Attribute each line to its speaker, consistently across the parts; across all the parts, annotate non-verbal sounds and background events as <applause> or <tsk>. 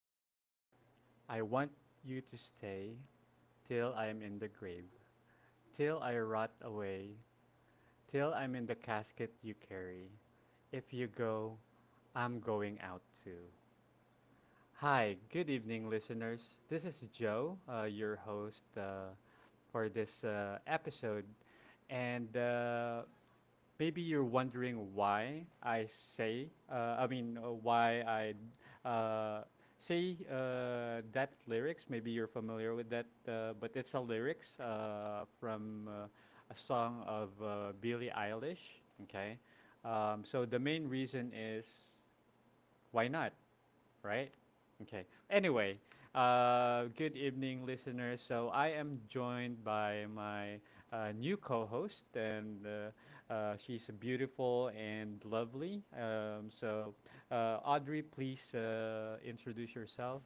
Speaker 1: the grave. I want you to stay till I'm in the grave. Till I rot away. Till I'm in the casket you carry. If you go, I'm going out too. Hi, good evening, listeners. This is Joe, your host for this episode. And Maybe you're wondering why I why I say that lyrics. Maybe you're familiar with that, but it's a lyrics from a song of Billie Eilish. Okay. So the main reason is why not, right? Okay. Anyway, good evening, listeners. So I am joined by my new co-host, and she's beautiful and lovely. Audrey, please introduce yourself.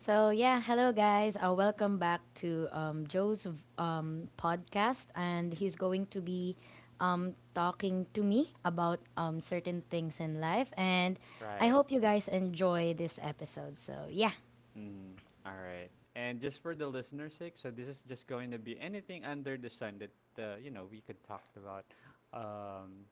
Speaker 2: So yeah, hello guys. Welcome back to Joe's podcast, and he's going to be talking to me about certain things in life. And I
Speaker 1: Right.
Speaker 2: hope you guys enjoy this episode. So yeah,
Speaker 1: Mm, all right. And just for the listener's sake, so this is just going to be anything under the sun that you know we could talk about. Um,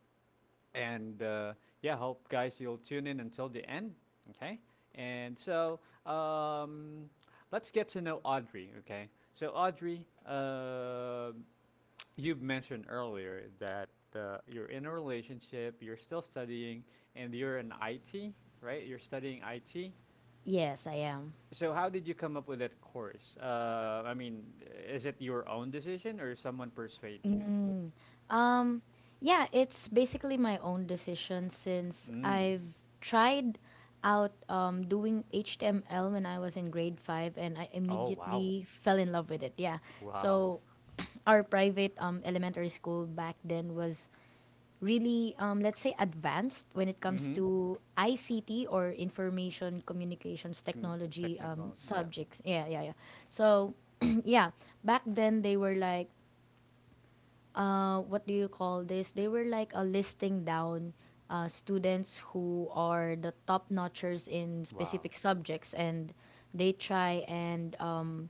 Speaker 1: and yeah, hope guys you'll tune in until the end. Okay, and so um, let's get to know Audrey. Okay, so Audrey, you mentioned earlier that you're in a relationship, you're still studying, and you're in IT, right? You're studying IT.
Speaker 2: yes, I am.
Speaker 1: So how did you come up with that course? I mean, is it your own decision or someone persuade you?
Speaker 2: Um, yeah, it's basically my own decision since
Speaker 1: Mm.
Speaker 2: I've tried out doing HTML when I was in grade five and I
Speaker 1: Oh, wow,
Speaker 2: immediately fell in love with it. Yeah.
Speaker 1: wow.
Speaker 2: So <clears throat> our private elementary school back then was really, let's say, advanced when it comes
Speaker 1: Mm-hmm.
Speaker 2: to ICT or information communications
Speaker 1: Con-
Speaker 2: technology
Speaker 1: Technical. Yeah.
Speaker 2: subjects. Yeah, yeah, yeah. So, <clears throat> yeah, back then they were like, what do you call this? They were like a listing down students who are the top notchers in
Speaker 1: Wow.
Speaker 2: specific subjects, and they try and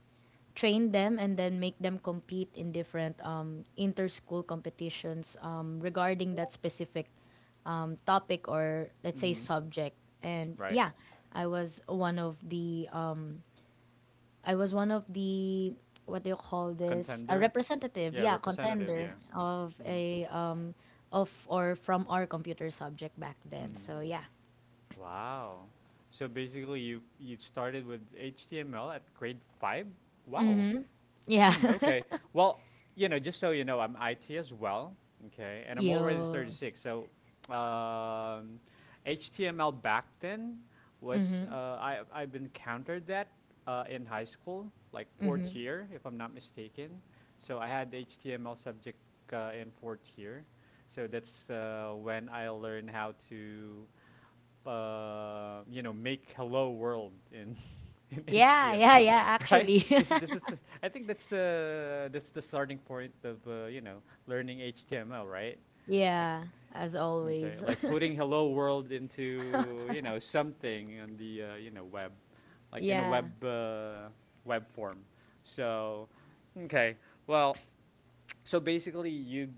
Speaker 2: train them and then make them compete in different inter-school competitions regarding that specific topic or let's say
Speaker 1: Mm-hmm.
Speaker 2: subject. And
Speaker 1: Right.
Speaker 2: yeah, I was one of the um, I was one of the what do you call this? A
Speaker 1: Contender.
Speaker 2: representative,
Speaker 1: Yeah.
Speaker 2: yeah,
Speaker 1: Representative. Yeah.
Speaker 2: contender of
Speaker 1: Mm-hmm.
Speaker 2: a of or from our computer subject back then.
Speaker 1: Mm-hmm.
Speaker 2: So yeah.
Speaker 1: Wow. So basically, you started with HTML at grade five. Wow.
Speaker 2: Yeah.
Speaker 1: Hmm,
Speaker 2: <laughs>
Speaker 1: okay. Well, you know, just so you know, I'm IT as well. Okay, and I'm already
Speaker 2: Yo.
Speaker 1: 36. So, um, HTML back then was I've encountered that in high school, like fourth year, if I'm not mistaken. So I had HTML subject in fourth year. So that's when I learned how to you know, make hello world in <laughs> in
Speaker 2: Yeah, yeah,
Speaker 1: HTML,
Speaker 2: yeah,
Speaker 1: right?
Speaker 2: actually.
Speaker 1: This is the, I think that's that's the starting point of you know learning HTML, right?
Speaker 2: <laughs>
Speaker 1: Like
Speaker 2: Yeah, as
Speaker 1: okay,
Speaker 2: always.
Speaker 1: like putting hello world into you know something on the you know web,
Speaker 2: <laughs>
Speaker 1: like in a
Speaker 2: Yeah.
Speaker 1: web, web form. So okay, well, so basically you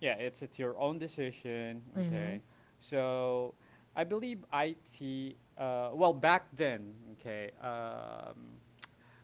Speaker 1: yeah, it's your own decision.
Speaker 2: Mhm.
Speaker 1: Okay, so I believe IT. Well, back then, okay,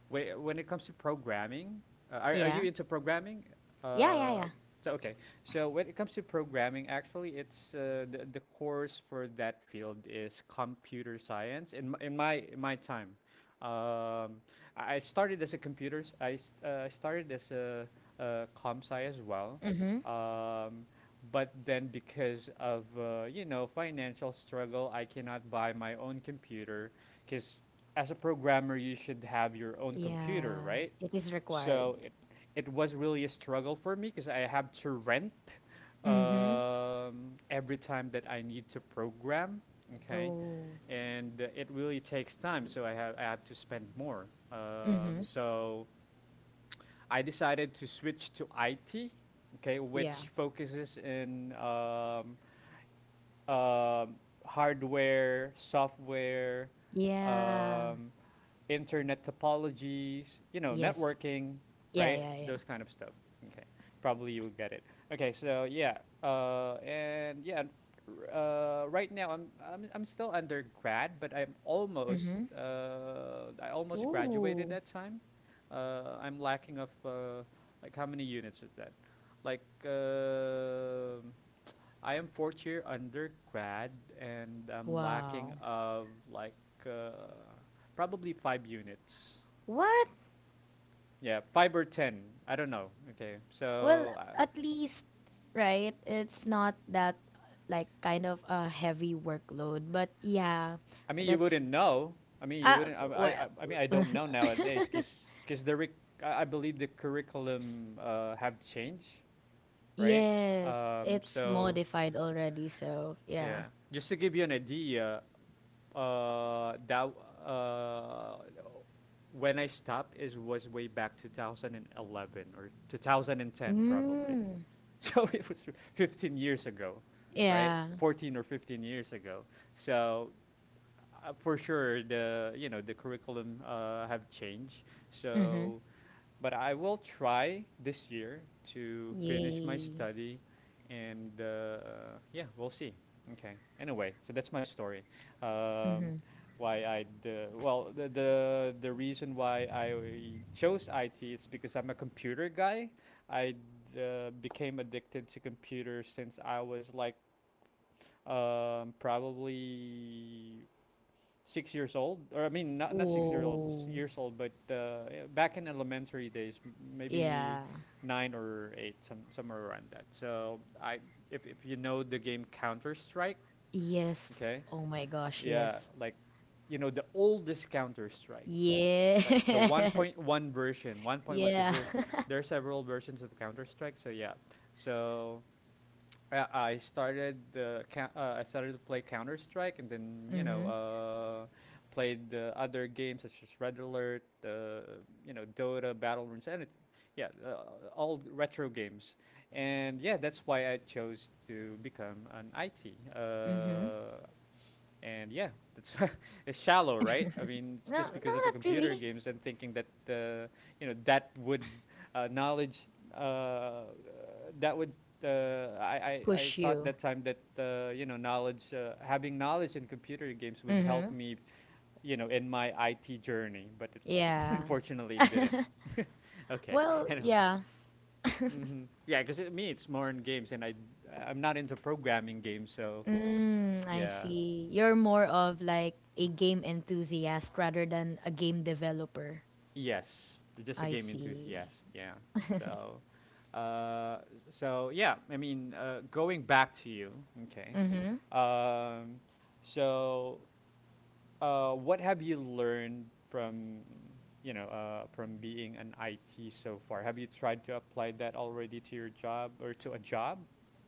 Speaker 1: When it comes to programming, are you
Speaker 2: Yeah.
Speaker 1: into programming?
Speaker 2: Yeah, yeah,
Speaker 1: Uh,
Speaker 2: yeah.
Speaker 1: so okay. So when it comes to programming, actually, it's the course for that field is computer science. In my time, um, I started as a computer. S- I started as a com sci as well.
Speaker 2: Mhm.
Speaker 1: Um, but then because of you know financial struggle, I cannot buy my own computer because as a programmer, you should have your own computer,
Speaker 2: Yeah,
Speaker 1: right?
Speaker 2: it is required.
Speaker 1: So it was really a struggle for me because I have to rent
Speaker 2: Mhm.
Speaker 1: every time that I need to program. Okay,
Speaker 2: Oh.
Speaker 1: and it really takes time, so I have to spend more. Um,
Speaker 2: Mhm.
Speaker 1: so I decided to switch to IT. Okay,
Speaker 2: Yeah.
Speaker 1: which focuses in um, hardware, software,
Speaker 2: Yeah.
Speaker 1: um, internet topologies, you know,
Speaker 2: Yes.
Speaker 1: networking,
Speaker 2: Yeah,
Speaker 1: right?
Speaker 2: yeah, yeah.
Speaker 1: Those kind of stuff. Okay, probably you will get it. Okay, so yeah, and yeah, right now I'm still undergrad, but I'm almost
Speaker 2: Mhm.
Speaker 1: uh, I almost graduated
Speaker 2: Ooh.
Speaker 1: that time. I'm lacking of like how many units is that? Like I am fourth year undergrad and I'm lacking
Speaker 2: Wow.
Speaker 1: of like uh, probably five units.
Speaker 2: What?
Speaker 1: Yeah, five or ten. I don't know. Okay,
Speaker 2: Well,
Speaker 1: so
Speaker 2: at least, right? It's not that like kind of a heavy workload, but yeah,
Speaker 1: I mean you
Speaker 2: that's
Speaker 1: wouldn't know. I mean you
Speaker 2: uh
Speaker 1: wouldn't.
Speaker 2: well,
Speaker 1: I mean I
Speaker 2: <laughs>
Speaker 1: don't know nowadays because the ric- I believe the curriculum have changed, right?
Speaker 2: yes,
Speaker 1: Um,
Speaker 2: it's
Speaker 1: so
Speaker 2: modified already, so yeah.
Speaker 1: yeah, just to give you an idea, that uh, when I stopped is was way back 2011 or 2010 probably.
Speaker 2: Mm.
Speaker 1: So <laughs> it was 15 years ago, right?
Speaker 2: Yeah.
Speaker 1: 14 or 15 years ago. So for sure the you know the curriculum have changed.
Speaker 2: Mhm.
Speaker 1: So but I will try this year to finish my
Speaker 2: Yay.
Speaker 1: study, and yeah, we'll see. Okay. Anyway, so that's my story. Um,
Speaker 2: Mhm.
Speaker 1: why I well the reason why I chose IT is because I'm a computer guy. I became addicted to computers since I was like probably 6 years old, or I mean, not six-year-old
Speaker 2: Whoa.
Speaker 1: years old, but yeah, back in elementary days, maybe
Speaker 2: Yeah.
Speaker 1: nine or eight, somewhere around that. So I, if you know the game Counter Strike,
Speaker 2: Yes.
Speaker 1: okay,
Speaker 2: Oh my gosh,
Speaker 1: yeah,
Speaker 2: yes.
Speaker 1: like you know the oldest Counter Strike, like the
Speaker 2: Yes. <laughs>
Speaker 1: 1.1 version, 1.1, because
Speaker 2: Yeah.
Speaker 1: there are several versions of Counter Strike. So yeah, so I started to play Counter Strike, and then
Speaker 2: <laughs>
Speaker 1: you know
Speaker 2: Mhm.
Speaker 1: played the other games such as Red Alert, you know Dota, Battle Runes, and it, yeah, all retro games. And yeah, that's why I chose to become an IT.
Speaker 2: Mhm.
Speaker 1: And yeah, that's <laughs> it's shallow, right? I mean, it's
Speaker 2: No,
Speaker 1: just
Speaker 2: no,
Speaker 1: because of the
Speaker 2: not
Speaker 1: computer
Speaker 2: really.
Speaker 1: games and thinking that you know that would knowledge uh, that would uh, I
Speaker 2: Push
Speaker 1: thought
Speaker 2: you.
Speaker 1: that time that you know knowledge having knowledge in computer games would help
Speaker 2: Mm-hmm.
Speaker 1: me you know in my IT journey, but it, <laughs>
Speaker 2: Yeah.
Speaker 1: unfortunately it didn't. <laughs> okay,
Speaker 2: Well,
Speaker 1: anyway.
Speaker 2: yeah.
Speaker 1: Mm-hmm. Yeah, because it's more in games, and I'm not into programming games, so
Speaker 2: Mm, I
Speaker 1: yeah.
Speaker 2: see. You're more of like a game enthusiast rather than a game developer.
Speaker 1: Yes, just a
Speaker 2: I
Speaker 1: game
Speaker 2: see.
Speaker 1: enthusiast. Yeah. So, uh, so yeah. I mean, going back to you. Okay.
Speaker 2: Mm-hmm.
Speaker 1: Um, so, what have you learned from you know from being an IT so far? Have you tried to apply that already to your job or to a job?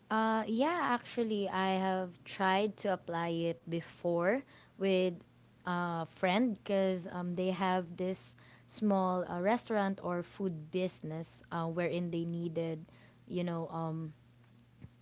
Speaker 2: Yeah, actually, I have tried to apply it before with a friend because they have this small restaurant or food business wherein they needed, you know, um,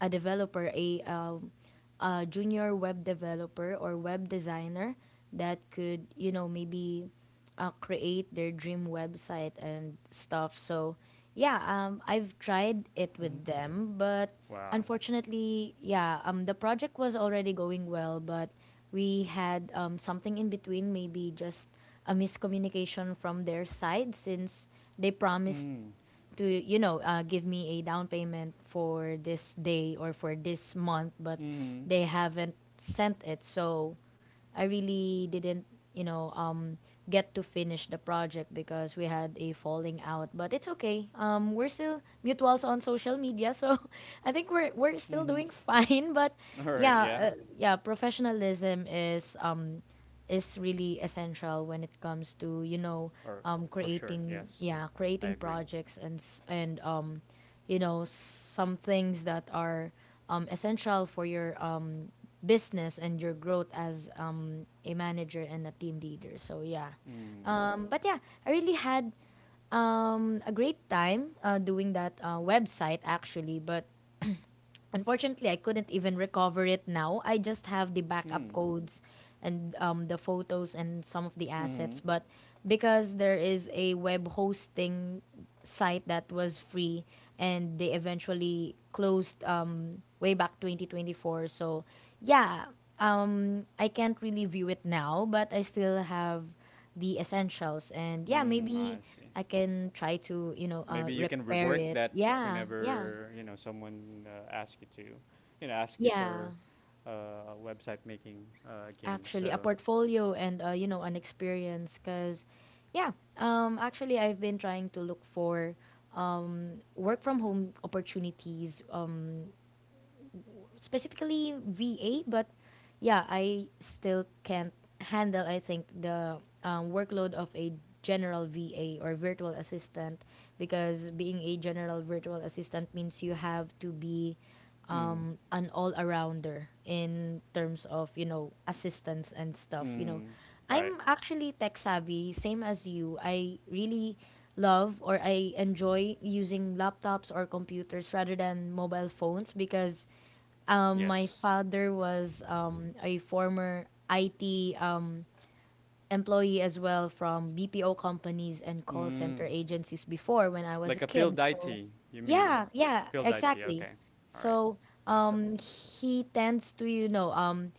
Speaker 2: a developer, a junior web developer or web designer that could, maybe create their dream website and stuff. So, yeah, I've tried it
Speaker 1: Hmm.
Speaker 2: with them, but
Speaker 1: Wow.
Speaker 2: unfortunately, yeah, the project was already going well, but we had something in between, maybe just a miscommunication from their side since they promised
Speaker 1: Mm.
Speaker 2: to give me a down payment for this day or for this month, but
Speaker 1: Mhm.
Speaker 2: they haven't sent it, so I really didn't you know um, get to finish the project because we had a falling out. But it's okay, we're still mutuals on social media, so <laughs> I think we're still
Speaker 1: Mhm.
Speaker 2: doing fine, <laughs> but
Speaker 1: <laughs> All right. Yeah.
Speaker 2: yeah. Yeah, professionalism is really essential when it comes to,
Speaker 1: Or for sure.
Speaker 2: creating
Speaker 1: Yes.
Speaker 2: yeah
Speaker 1: I
Speaker 2: creating
Speaker 1: agree.
Speaker 2: projects and some things that are essential for your business and your growth as a manager and a team leader, so yeah.
Speaker 1: Mm.
Speaker 2: But yeah, I really had a great time doing that website, actually, but unfortunately, I couldn't even recover it now. I just have the backup
Speaker 1: Mm.
Speaker 2: codes and the photos and some of the assets.
Speaker 1: Mhm.
Speaker 2: But because there is a web hosting site that was free and they eventually closed way back 2024. So, yeah, I can't really view it now, but I still have the essentials. And yeah,
Speaker 1: Mm, I
Speaker 2: maybe
Speaker 1: see.
Speaker 2: I can try to,
Speaker 1: Maybe you can
Speaker 2: repair
Speaker 1: rework
Speaker 2: it.
Speaker 1: that
Speaker 2: Yeah, yeah,
Speaker 1: whenever, you know, someone asks you to, you know, ask you
Speaker 2: yeah.
Speaker 1: for website making again.
Speaker 2: Actually, a
Speaker 1: So,
Speaker 2: portfolio and an experience, because yeah. Actually, I've been trying to look for work from home opportunities, specifically VA, but yeah. I still can't handle, I think, the workload of a general VA or virtual assistant, because being a general virtual assistant means you have to be
Speaker 1: mm,
Speaker 2: an all-arounder in terms of assistance and stuff, you know.
Speaker 1: mm, right.
Speaker 2: I'm actually tech savvy, same as you. I really love or I enjoy using laptops or computers rather than mobile phones, because my
Speaker 1: Yes.
Speaker 2: father was a former IT employee as well from BPO companies and call center
Speaker 1: Mm,
Speaker 2: agencies before when I was a
Speaker 1: like a
Speaker 2: kid.
Speaker 1: field
Speaker 2: So,
Speaker 1: IT, you mean?
Speaker 2: yeah, yeah,
Speaker 1: Field IT.
Speaker 2: exactly.
Speaker 1: Okay. All right.
Speaker 2: So,
Speaker 1: Awesome.
Speaker 2: he tends to, you know, um,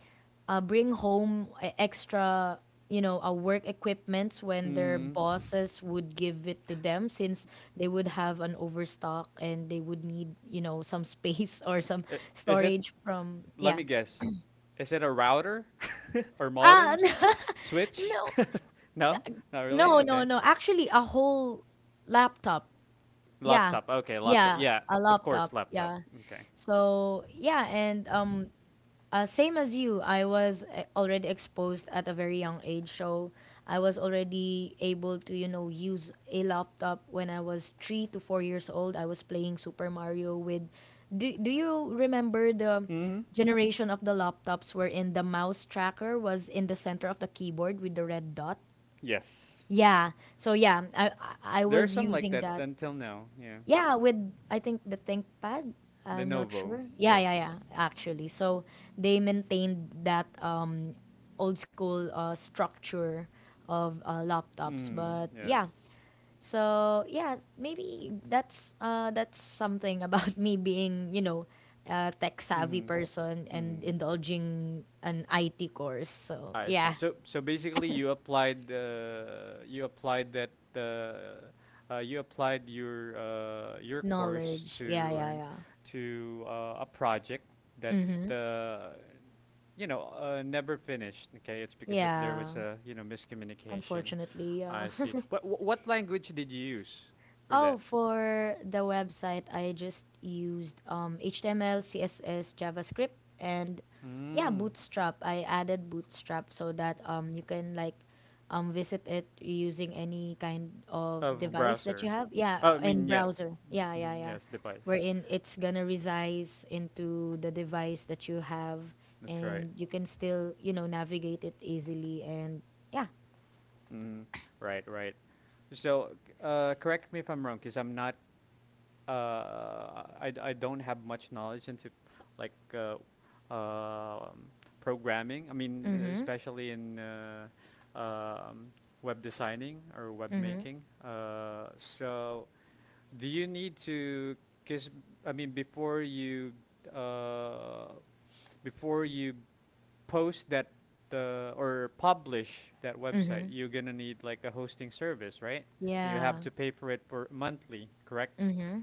Speaker 2: uh, bring home extra, work equipments when their
Speaker 1: Mm.
Speaker 2: bosses would give it to them, since they would have an overstock and they would need, some space <laughs> or some
Speaker 1: I- Is it,
Speaker 2: storage from,
Speaker 1: let
Speaker 2: yeah.
Speaker 1: me guess, is it a router <laughs> or
Speaker 2: Ah,
Speaker 1: modems?
Speaker 2: <laughs>
Speaker 1: Switch?
Speaker 2: no,
Speaker 1: <laughs> No? Not really?
Speaker 2: no, no,
Speaker 1: Okay.
Speaker 2: no. Actually, a whole laptop. Yeah.
Speaker 1: Laptop. Okay, laptop.
Speaker 2: Yeah,
Speaker 1: Yeah,
Speaker 2: a
Speaker 1: of course,
Speaker 2: laptop.
Speaker 1: laptop.
Speaker 2: Yeah.
Speaker 1: Okay.
Speaker 2: So, yeah, and same as you, I was already exposed at a very young age. So, I was already able to, use a laptop when I was 3 to 4 years old. I was playing Super Mario with. Do you remember the
Speaker 1: Mm-hmm.
Speaker 2: generation of the laptops wherein the mouse tracker was in the center of the keyboard with the red dot?
Speaker 1: Yes.
Speaker 2: Yeah. So yeah, I
Speaker 1: There are
Speaker 2: was
Speaker 1: some like
Speaker 2: using
Speaker 1: that
Speaker 2: that.
Speaker 1: until now. Yeah.
Speaker 2: Yeah, with, I think, the ThinkPad. I'm not
Speaker 1: Lenovo.
Speaker 2: sure. Yeah, yeah, yeah.
Speaker 1: Yes.
Speaker 2: Actually, so they maintained that old school structure of laptops.
Speaker 1: Mm.
Speaker 2: But yeah,
Speaker 1: Yes.
Speaker 2: so yeah, maybe that's something about <laughs> me being, a tech savvy
Speaker 1: Mm.
Speaker 2: person and
Speaker 1: Mm.
Speaker 2: indulging an IT course. So
Speaker 1: I see.
Speaker 2: yeah,
Speaker 1: So so basically, you applied your course
Speaker 2: knowledge.
Speaker 1: to
Speaker 2: Yeah,
Speaker 1: or
Speaker 2: yeah, yeah.
Speaker 1: to a project that
Speaker 2: Mm-hmm.
Speaker 1: uh, you know never finished. Okay, it's because that there
Speaker 2: Yeah.
Speaker 1: was a you know miscommunication.
Speaker 2: Unfortunately,
Speaker 1: I
Speaker 2: yeah.
Speaker 1: see.
Speaker 2: <laughs>
Speaker 1: What what language did you use for that?
Speaker 2: Oh, for the website, I just used HTML, CSS, JavaScript, and yeah,
Speaker 1: Mm.
Speaker 2: Bootstrap. I added Bootstrap so that you can like visit it using any kind of
Speaker 1: Of
Speaker 2: device that
Speaker 1: browser?
Speaker 2: you have. Yeah,
Speaker 1: Oh, I
Speaker 2: and
Speaker 1: mean, yeah,
Speaker 2: browser. Yeah, yeah,
Speaker 1: mhm,
Speaker 2: yeah.
Speaker 1: yes, device.
Speaker 2: Wherein it's gonna resize into the device that you have,
Speaker 1: That's right.
Speaker 2: and you can still navigate it easily and yeah.
Speaker 1: Mm, right, right. So, correct me if I'm wrong, because I'm not. I don't have much knowledge into like um programming. I mean,
Speaker 2: Mm-hmm.
Speaker 1: especially in um, web designing or web
Speaker 2: Mm-hmm.
Speaker 1: making. So do you need to, cause I mean, uh, before you post that or publish that
Speaker 2: Mm-hmm.
Speaker 1: website, you're gonna need like a hosting service, right? You
Speaker 2: Yeah.
Speaker 1: have to pay for it for monthly, correct?
Speaker 2: Mm-hmm.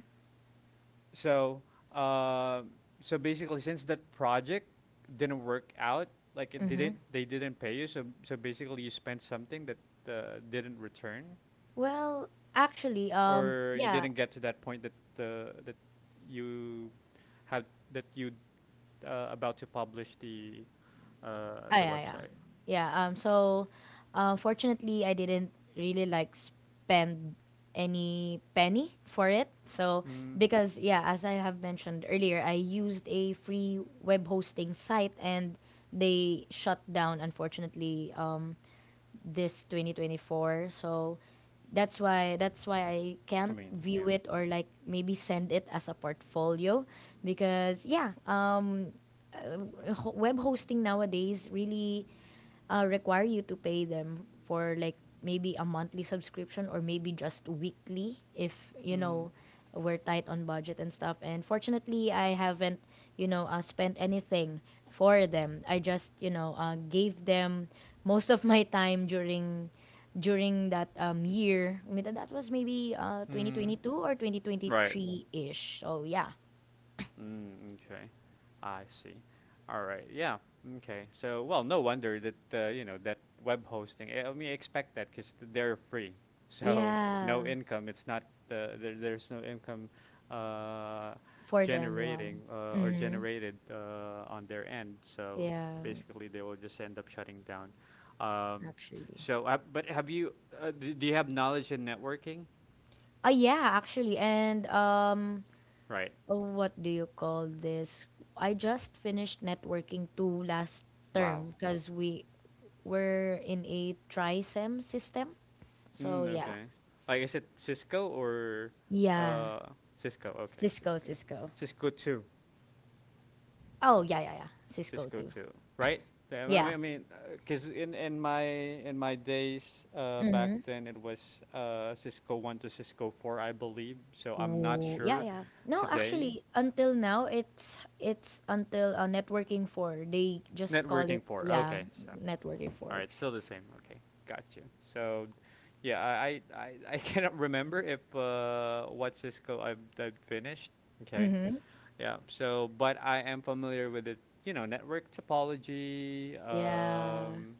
Speaker 1: So, uh, so basically, since that project didn't work out, like it
Speaker 2: Mm-hmm.
Speaker 1: didn't, they didn't pay you. So, so basically, you spent something that didn't return.
Speaker 2: Well, actually,
Speaker 1: Or you
Speaker 2: yeah,
Speaker 1: didn't get to that point that that you had that you about to publish the
Speaker 2: yeah, yeah,
Speaker 1: website.
Speaker 2: yeah. So, fortunately, I didn't really like spend any penny for it. So,
Speaker 1: Mm,
Speaker 2: because yeah, as I have mentioned earlier, I used a free web hosting site and they shut down, unfortunately. This 2024. So that's why I
Speaker 1: I
Speaker 2: can't
Speaker 1: mean,
Speaker 2: view
Speaker 1: yeah.
Speaker 2: it or like maybe send it as a portfolio, because yeah, web hosting nowadays really require you to pay them for like maybe a monthly subscription or maybe just weekly, if
Speaker 1: Mm-hmm.
Speaker 2: we're tight on budget and stuff. And fortunately, I haven't spent anything for them. I just gave them most of my time during that year. I mean, that was maybe
Speaker 1: Mm-hmm.
Speaker 2: 2022 or
Speaker 1: Right.
Speaker 2: 2023 ish, so yeah.
Speaker 1: Mm, okay. I see. All right. Yeah. Okay. So, well, no wonder that you know that web hosting. I mean, expect that because they're free. So <laughs>
Speaker 2: Yeah.
Speaker 1: no income. It's not there. There's no income uh,
Speaker 2: For them, yeah.
Speaker 1: generating or
Speaker 2: Mm-hmm.
Speaker 1: generated on their end. So
Speaker 2: Yeah,
Speaker 1: basically, they will just end up shutting down. Um,
Speaker 2: actually.
Speaker 1: but have you? Do you have knowledge in networking?
Speaker 2: Yeah, actually. And
Speaker 1: Right.
Speaker 2: what do you call this? I just finished networking two last
Speaker 1: Wow.
Speaker 2: term because we were in a trisem system. So
Speaker 1: Mm,
Speaker 2: yeah,
Speaker 1: okay. Like, is it Cisco or
Speaker 2: yeah,
Speaker 1: uh Cisco? Okay,
Speaker 2: Cisco,
Speaker 1: Cisco.
Speaker 2: Cisco.
Speaker 1: Cisco two.
Speaker 2: Oh yeah, yeah, yeah, Cisco
Speaker 1: Cisco
Speaker 2: too.
Speaker 1: two, right? Yeah,
Speaker 2: Yeah.
Speaker 1: I mean, cause in in my days
Speaker 2: Mm-hmm.
Speaker 1: back then it was Cisco one to Cisco four, I believe. So I'm not
Speaker 2: Whoa. Yeah,
Speaker 1: sure
Speaker 2: yeah. No,
Speaker 1: today.
Speaker 2: actually, until now, it's until networking four. They just call
Speaker 1: Networking
Speaker 2: it
Speaker 1: four.
Speaker 2: yeah,
Speaker 1: Okay, so
Speaker 2: networking
Speaker 1: all
Speaker 2: four.
Speaker 1: right, still the same. Okay, got you. So. Yeah, I <laughs> I cannot remember if what Cisco I've finished. Okay.
Speaker 2: Mm-hmm.
Speaker 1: Yeah. So, but I am familiar with it. You know, network topology.
Speaker 2: Yeah.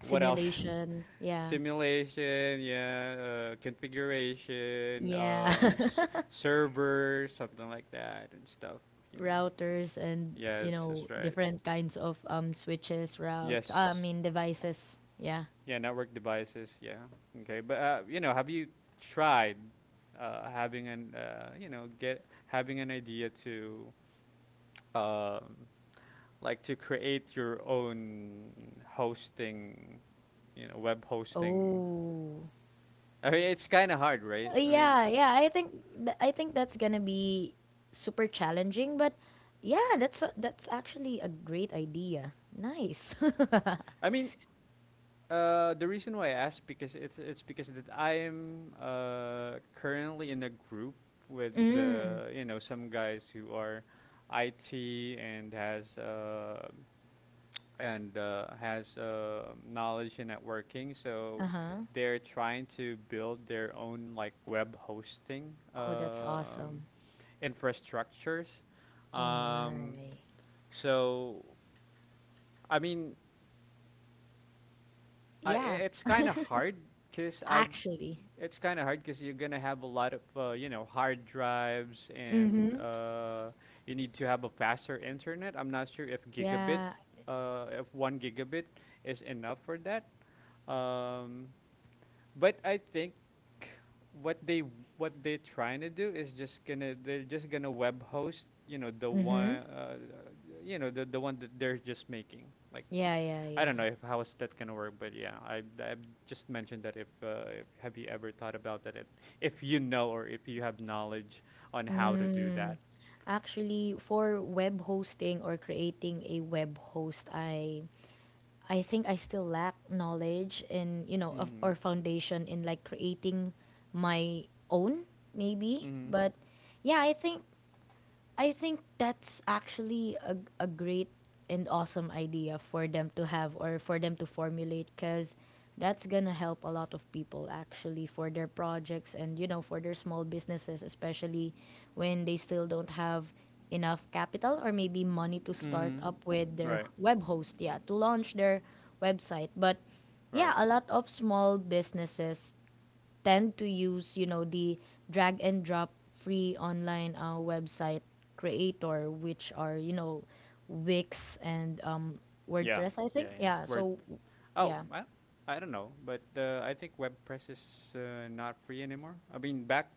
Speaker 1: What else? <laughs>
Speaker 2: Yeah.
Speaker 1: Simulation. Yeah. Configuration.
Speaker 2: Yeah. <laughs>
Speaker 1: Server. Something like that and stuff. You know.
Speaker 2: Routers and,
Speaker 1: Yes, that's right.
Speaker 2: different kinds of switches, routes. I
Speaker 1: Yes.
Speaker 2: mean devices. Yeah.
Speaker 1: Yeah. Network devices. Yeah. Okay. But you know, have you tried having an you know get having an idea to um, like to create your own hosting, you know, web hosting.
Speaker 2: Oh.
Speaker 1: I mean, it's kind of hard, right?
Speaker 2: Yeah, yeah. I think that's gonna be super challenging, but yeah, that's actually a great idea. Nice. <laughs>
Speaker 1: I mean, the reason why I asked because it's because that I am currently in a group with
Speaker 2: Mm.
Speaker 1: you know some guys who are IT and has knowledge in networking,
Speaker 2: Uh
Speaker 1: so
Speaker 2: huh.
Speaker 1: they're trying to build their own like web hosting.
Speaker 2: Oh, that's awesome.
Speaker 1: Infrastructures.
Speaker 2: Oh
Speaker 1: Um,
Speaker 2: my.
Speaker 1: so I mean,
Speaker 2: Yeah,
Speaker 1: it's kind of hard because I
Speaker 2: actually.
Speaker 1: it's kind of hard because you're gonna have a lot of you know hard drives and
Speaker 2: Mm-hmm.
Speaker 1: you need to have a faster internet. I'm not sure if
Speaker 2: Yeah.
Speaker 1: if one gigabit is enough for that. Um, but I think what they what they're trying to do is just gonna they're just gonna web host you know the
Speaker 2: Mm-hmm.
Speaker 1: one the one that they're just making like
Speaker 2: Yeah, yeah,
Speaker 1: I
Speaker 2: yeah.
Speaker 1: don't know if how is that gonna work, but yeah, I just mentioned that if have you ever thought about that, if you know or if you have knowledge on how to do
Speaker 2: Mm.
Speaker 1: that.
Speaker 2: Actually, for web hosting or creating a web host, I think I still lack knowledge and, of
Speaker 1: Mm-hmm.
Speaker 2: or foundation in, like, creating my own, maybe.
Speaker 1: Mm-hmm.
Speaker 2: But yeah, I think that's actually a great and awesome idea for them to have or for them to formulate, because that's gonna help a lot of people actually for their projects and, for their small businesses, especially when they still don't have enough capital or maybe money to start
Speaker 1: Mm-hmm.
Speaker 2: up with their
Speaker 1: Right.
Speaker 2: web host, yeah, to launch their website. But yeah,
Speaker 1: Right.
Speaker 2: a lot of small businesses tend to use, the drag and drop free online website creator, which are, Wix and
Speaker 1: Yeah.
Speaker 2: WordPress, I think.
Speaker 1: yeah yeah
Speaker 2: Yeah.
Speaker 1: word
Speaker 2: So,
Speaker 1: oh
Speaker 2: yeah.
Speaker 1: I don't know, but I think WordPress is not free anymore.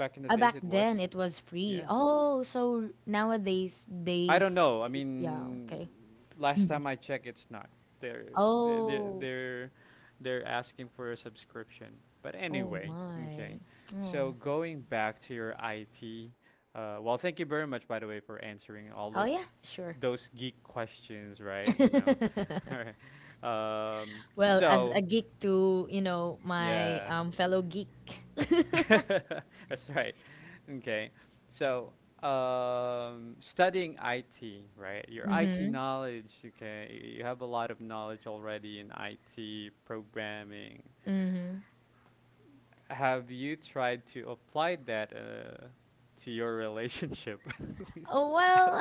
Speaker 1: Back in the days,
Speaker 2: Back
Speaker 1: it was.
Speaker 2: then it was free.
Speaker 1: Yeah.
Speaker 2: Oh, so nowadays
Speaker 1: I don't know. I
Speaker 2: yeah,
Speaker 1: mean,
Speaker 2: okay.
Speaker 1: last time I checked, it's not. They're they're they're
Speaker 2: Oh,
Speaker 1: they're, they're asking for a subscription. But
Speaker 2: oh
Speaker 1: anyway,
Speaker 2: my.
Speaker 1: okay.
Speaker 2: Oh,
Speaker 1: So going back to your IT. Well, thank you very much, by the way, for answering all
Speaker 2: oh yeah, sure.
Speaker 1: those geek questions, right? You know, <laughs> all right. Um,
Speaker 2: Well, as a
Speaker 1: so
Speaker 2: geek to, my
Speaker 1: yeah,
Speaker 2: fellow geek.
Speaker 1: <laughs> That's right. Okay. So, studying IT, right? Your IT knowledge, okay, you have a lot of knowledge already in IT programming. Have you tried to apply that to your relationship? <laughs> Please.
Speaker 2: Oh, well,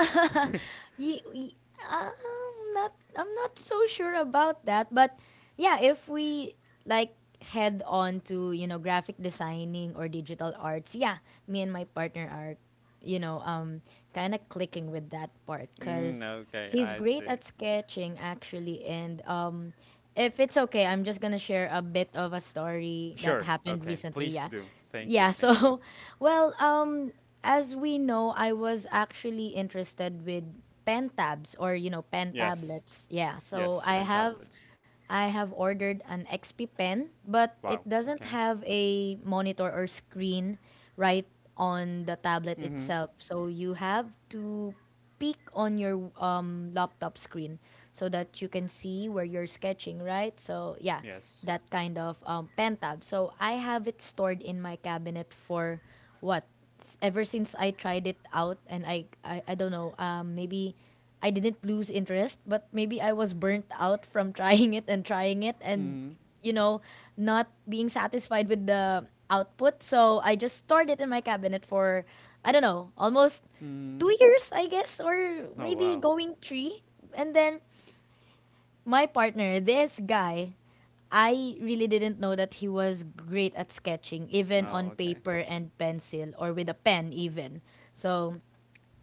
Speaker 2: <laughs> ye, ye- I'm not I'm not so sure about that, but yeah, if we like head on to graphic designing or digital arts, yeah, me and my partner are you know um kind of clicking with that part,
Speaker 1: Mm,
Speaker 2: because
Speaker 1: okay,
Speaker 2: he's
Speaker 1: I
Speaker 2: great
Speaker 1: see.
Speaker 2: at sketching actually, and if it's okay, I'm just gonna share a bit of a story that
Speaker 1: Sure.
Speaker 2: happened
Speaker 1: Okay.
Speaker 2: recently.
Speaker 1: Please
Speaker 2: Yeah,
Speaker 1: do. Thank you.
Speaker 2: yeah,
Speaker 1: Thank you.
Speaker 2: so <laughs> well, as we know, I was actually interested with pen tabs, or pen
Speaker 1: Yes.
Speaker 2: tablets. Yeah, so
Speaker 1: Yes.
Speaker 2: i
Speaker 1: Pen
Speaker 2: have
Speaker 1: tablets.
Speaker 2: i have ordered an XP pen, but it
Speaker 1: Wow.
Speaker 2: doesn't
Speaker 1: Okay.
Speaker 2: have a monitor or screen right on the tablet
Speaker 1: Mm-hmm.
Speaker 2: itself, so you have to peek on your laptop screen so that you can see where you're sketching, right? So, yeah,
Speaker 1: Yes.
Speaker 2: that kind of pen tab. So, I have it stored in my cabinet for what? Ever since I tried it out, and I don't know, maybe I didn't lose interest, but maybe I was burnt out from <laughs> trying it and trying it, and
Speaker 1: Mm-hmm.
Speaker 2: you know, not being satisfied with the output. So I just stored it in my cabinet for, I don't know, almost two
Speaker 1: Mm-hmm.
Speaker 2: years, I guess, or
Speaker 1: Oh
Speaker 2: maybe
Speaker 1: wow.
Speaker 2: going three. And then my partner, this guy, I really didn't know that he was great at sketching, even
Speaker 1: No.
Speaker 2: on
Speaker 1: Okay.
Speaker 2: paper and pencil, or with a pen even. So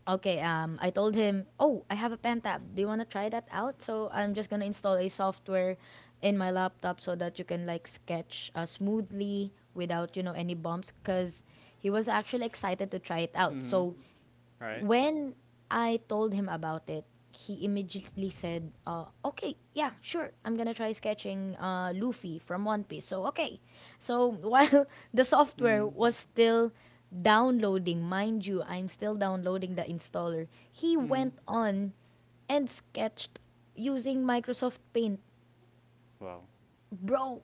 Speaker 2: okay, I told him, oh, I have a pen tab. Do you want to try that out? So I'm just gonna install a software in my laptop so that you can like sketch smoothly without any bumps, because he was actually excited to try it out.
Speaker 1: Mm-hmm.
Speaker 2: So
Speaker 1: Right.
Speaker 2: when I told him about it, he immediately said, "Okay, yeah, sure. I'm gonna try sketching Luffy from One Piece." So okay, so <laughs> while the software
Speaker 1: Mm-hmm.
Speaker 2: was still downloading, mind you, I'm still downloading the installer. He
Speaker 1: Mm-hmm.
Speaker 2: went on and sketched using Microsoft Paint,
Speaker 1: Wow.
Speaker 2: bro,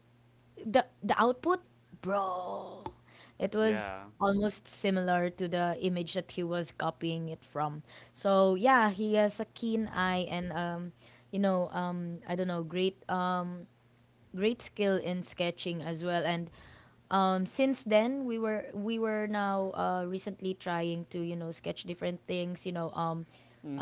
Speaker 2: the output, bro, it was
Speaker 1: Yeah.
Speaker 2: almost similar to the image that he was copying it from. So yeah, he has a keen eye, and I don't know, great great skill in sketching as well. And since then, we were now recently trying to sketch different things. You know, um,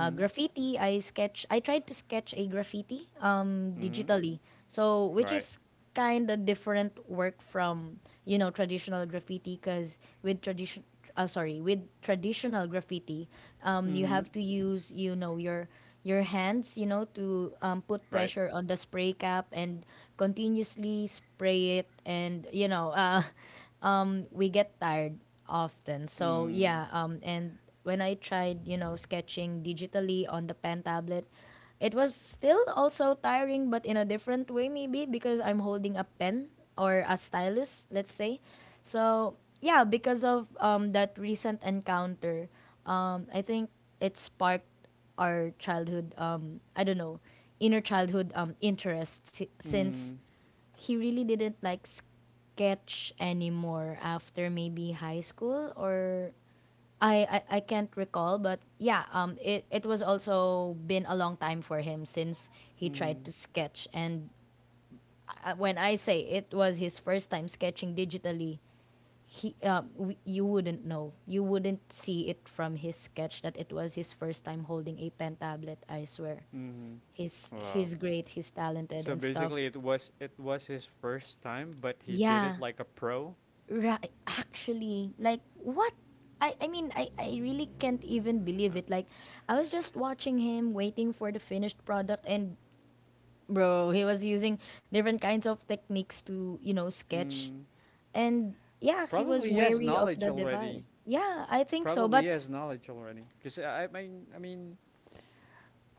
Speaker 2: uh, graffiti, I tried to sketch a graffiti
Speaker 1: Mm-hmm.
Speaker 2: digitally, so which
Speaker 1: Right.
Speaker 2: is kind of different work from traditional graffiti, because with tradition sorry with traditional graffiti, you
Speaker 1: Mm-hmm.
Speaker 2: have to use your hands, to put
Speaker 1: Right.
Speaker 2: pressure on the spray cap and continuously spray it, and <laughs> we get tired often. So
Speaker 1: Mm-hmm.
Speaker 2: yeah, and when I tried, sketching digitally on the pen tablet, it was still also tiring, but in a different way, maybe because I'm holding a pen or a stylus, let's say. So yeah, because of that recent encounter, I think it sparked our childhood, I don't know, inner childhood interests,
Speaker 1: Mm-hmm.
Speaker 2: since he really didn't like sketch anymore after maybe high school, or I can't recall, but yeah, it was also been a long time for him since he
Speaker 1: Mm-hmm.
Speaker 2: tried to sketch. And when I say it was his first time sketching digitally, he you wouldn't see it from his sketch that it was his first time holding a pen tablet. I swear,
Speaker 1: Mm-hmm.
Speaker 2: he's
Speaker 1: Wow.
Speaker 2: he's great, he's talented,
Speaker 1: So
Speaker 2: and
Speaker 1: basically,
Speaker 2: stuff.
Speaker 1: it was, it was his first time, but he did it
Speaker 2: Yeah.
Speaker 1: like a pro.
Speaker 2: Right, actually, like what? I mean, I really can't even
Speaker 1: Uh,
Speaker 2: believe it. Like, I was just watching him, waiting for the finished product, and bro, he was using different kinds of techniques to, you know, sketch.
Speaker 1: mm,
Speaker 2: And yeah, he was
Speaker 1: Probably he has
Speaker 2: wary of
Speaker 1: knowledge
Speaker 2: the
Speaker 1: already.
Speaker 2: device. Yeah, I think so.
Speaker 1: Probably he
Speaker 2: But
Speaker 1: has knowledge already. Cause I I mean I mean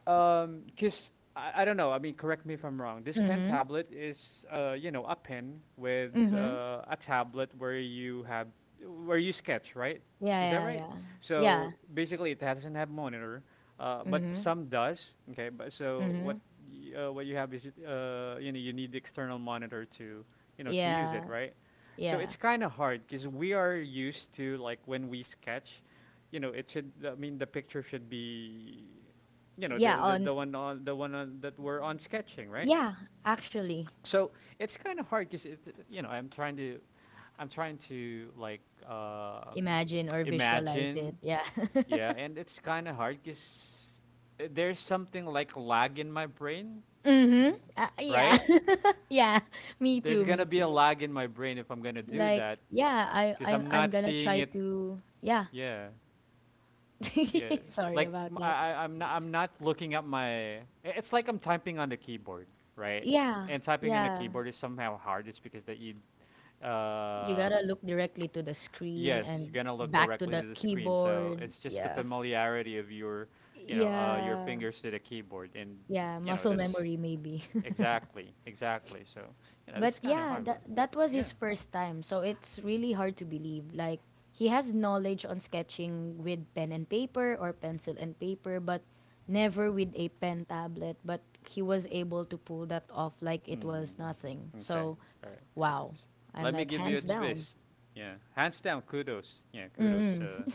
Speaker 1: Um, Cause I don't know. I mean, correct me if I'm wrong. This pen tablet is, you know, a pen with
Speaker 2: mm-hmm.
Speaker 1: a tablet where you have where you sketch, right?
Speaker 2: Yeah,
Speaker 1: Is that
Speaker 2: yeah,
Speaker 1: right?
Speaker 2: yeah. Yeah.
Speaker 1: So basically, it doesn't have monitor, but
Speaker 2: Mm-hmm.
Speaker 1: some does. Okay, but
Speaker 2: Mm-hmm.
Speaker 1: what you have is you know you need the external monitor to you know to use it,
Speaker 2: Yeah.
Speaker 1: right? So
Speaker 2: Yeah.
Speaker 1: it's kind of hard because we are used to like when we sketch, you know, it should. I mean, the picture should be you know
Speaker 2: Yeah. On,
Speaker 1: the one on that we're on sketching, right?
Speaker 2: yeah, actually,
Speaker 1: So it's kind of hard because you know I'm trying to like um,
Speaker 2: imagine or visualize it.
Speaker 1: imagine.
Speaker 2: Yeah. <laughs>
Speaker 1: Yeah, and it's kind of hard because there's something like lag in my brain,
Speaker 2: Mm-hmm. Yeah.
Speaker 1: right?
Speaker 2: <laughs> Yeah, <laughs> me
Speaker 1: There's
Speaker 2: too, me
Speaker 1: gonna be a
Speaker 2: too.
Speaker 1: lag in my brain if I'm gonna do
Speaker 2: Like,
Speaker 1: that
Speaker 2: yeah,
Speaker 1: because I'm
Speaker 2: I'm
Speaker 1: not
Speaker 2: gonna
Speaker 1: seeing
Speaker 2: try
Speaker 1: it.
Speaker 2: to, yeah.
Speaker 1: Yeah. Yes.
Speaker 2: <laughs> Sorry
Speaker 1: Like
Speaker 2: about that.
Speaker 1: I'm not, I'm not looking at my it's like I'm typing on the keyboard, right?
Speaker 2: Yeah,
Speaker 1: And typing on the
Speaker 2: yeah.
Speaker 1: keyboard is somehow hard. It's because that you
Speaker 2: You gotta
Speaker 1: um
Speaker 2: look directly to the screen
Speaker 1: yes, you're
Speaker 2: and
Speaker 1: going to look
Speaker 2: back to
Speaker 1: directly
Speaker 2: the
Speaker 1: to the screen. So
Speaker 2: keyboard.
Speaker 1: it's just the
Speaker 2: Yeah.
Speaker 1: familiarity of your, you know, your
Speaker 2: Yeah.
Speaker 1: fingers to the keyboard and
Speaker 2: Yeah.
Speaker 1: you know,
Speaker 2: Muscle
Speaker 1: that's
Speaker 2: memory maybe. <laughs>
Speaker 1: exactly, exactly. So, you know, this
Speaker 2: But
Speaker 1: is kind of
Speaker 2: yeah,
Speaker 1: hard. Well,
Speaker 2: that was
Speaker 1: yeah.
Speaker 2: his first time, so it's really hard to believe. Like, he has knowledge on sketching with pen and paper, or pencil and paper, but never with a pen tablet. But he was able to pull that off like it was nothing.
Speaker 1: Mm-hmm. Okay.
Speaker 2: So,
Speaker 1: All right.
Speaker 2: wow.
Speaker 1: S-
Speaker 2: I'm
Speaker 1: Let me
Speaker 2: like
Speaker 1: give you a
Speaker 2: hands down.
Speaker 1: twist. Yeah. Hands down, kudos. Yeah, kudos.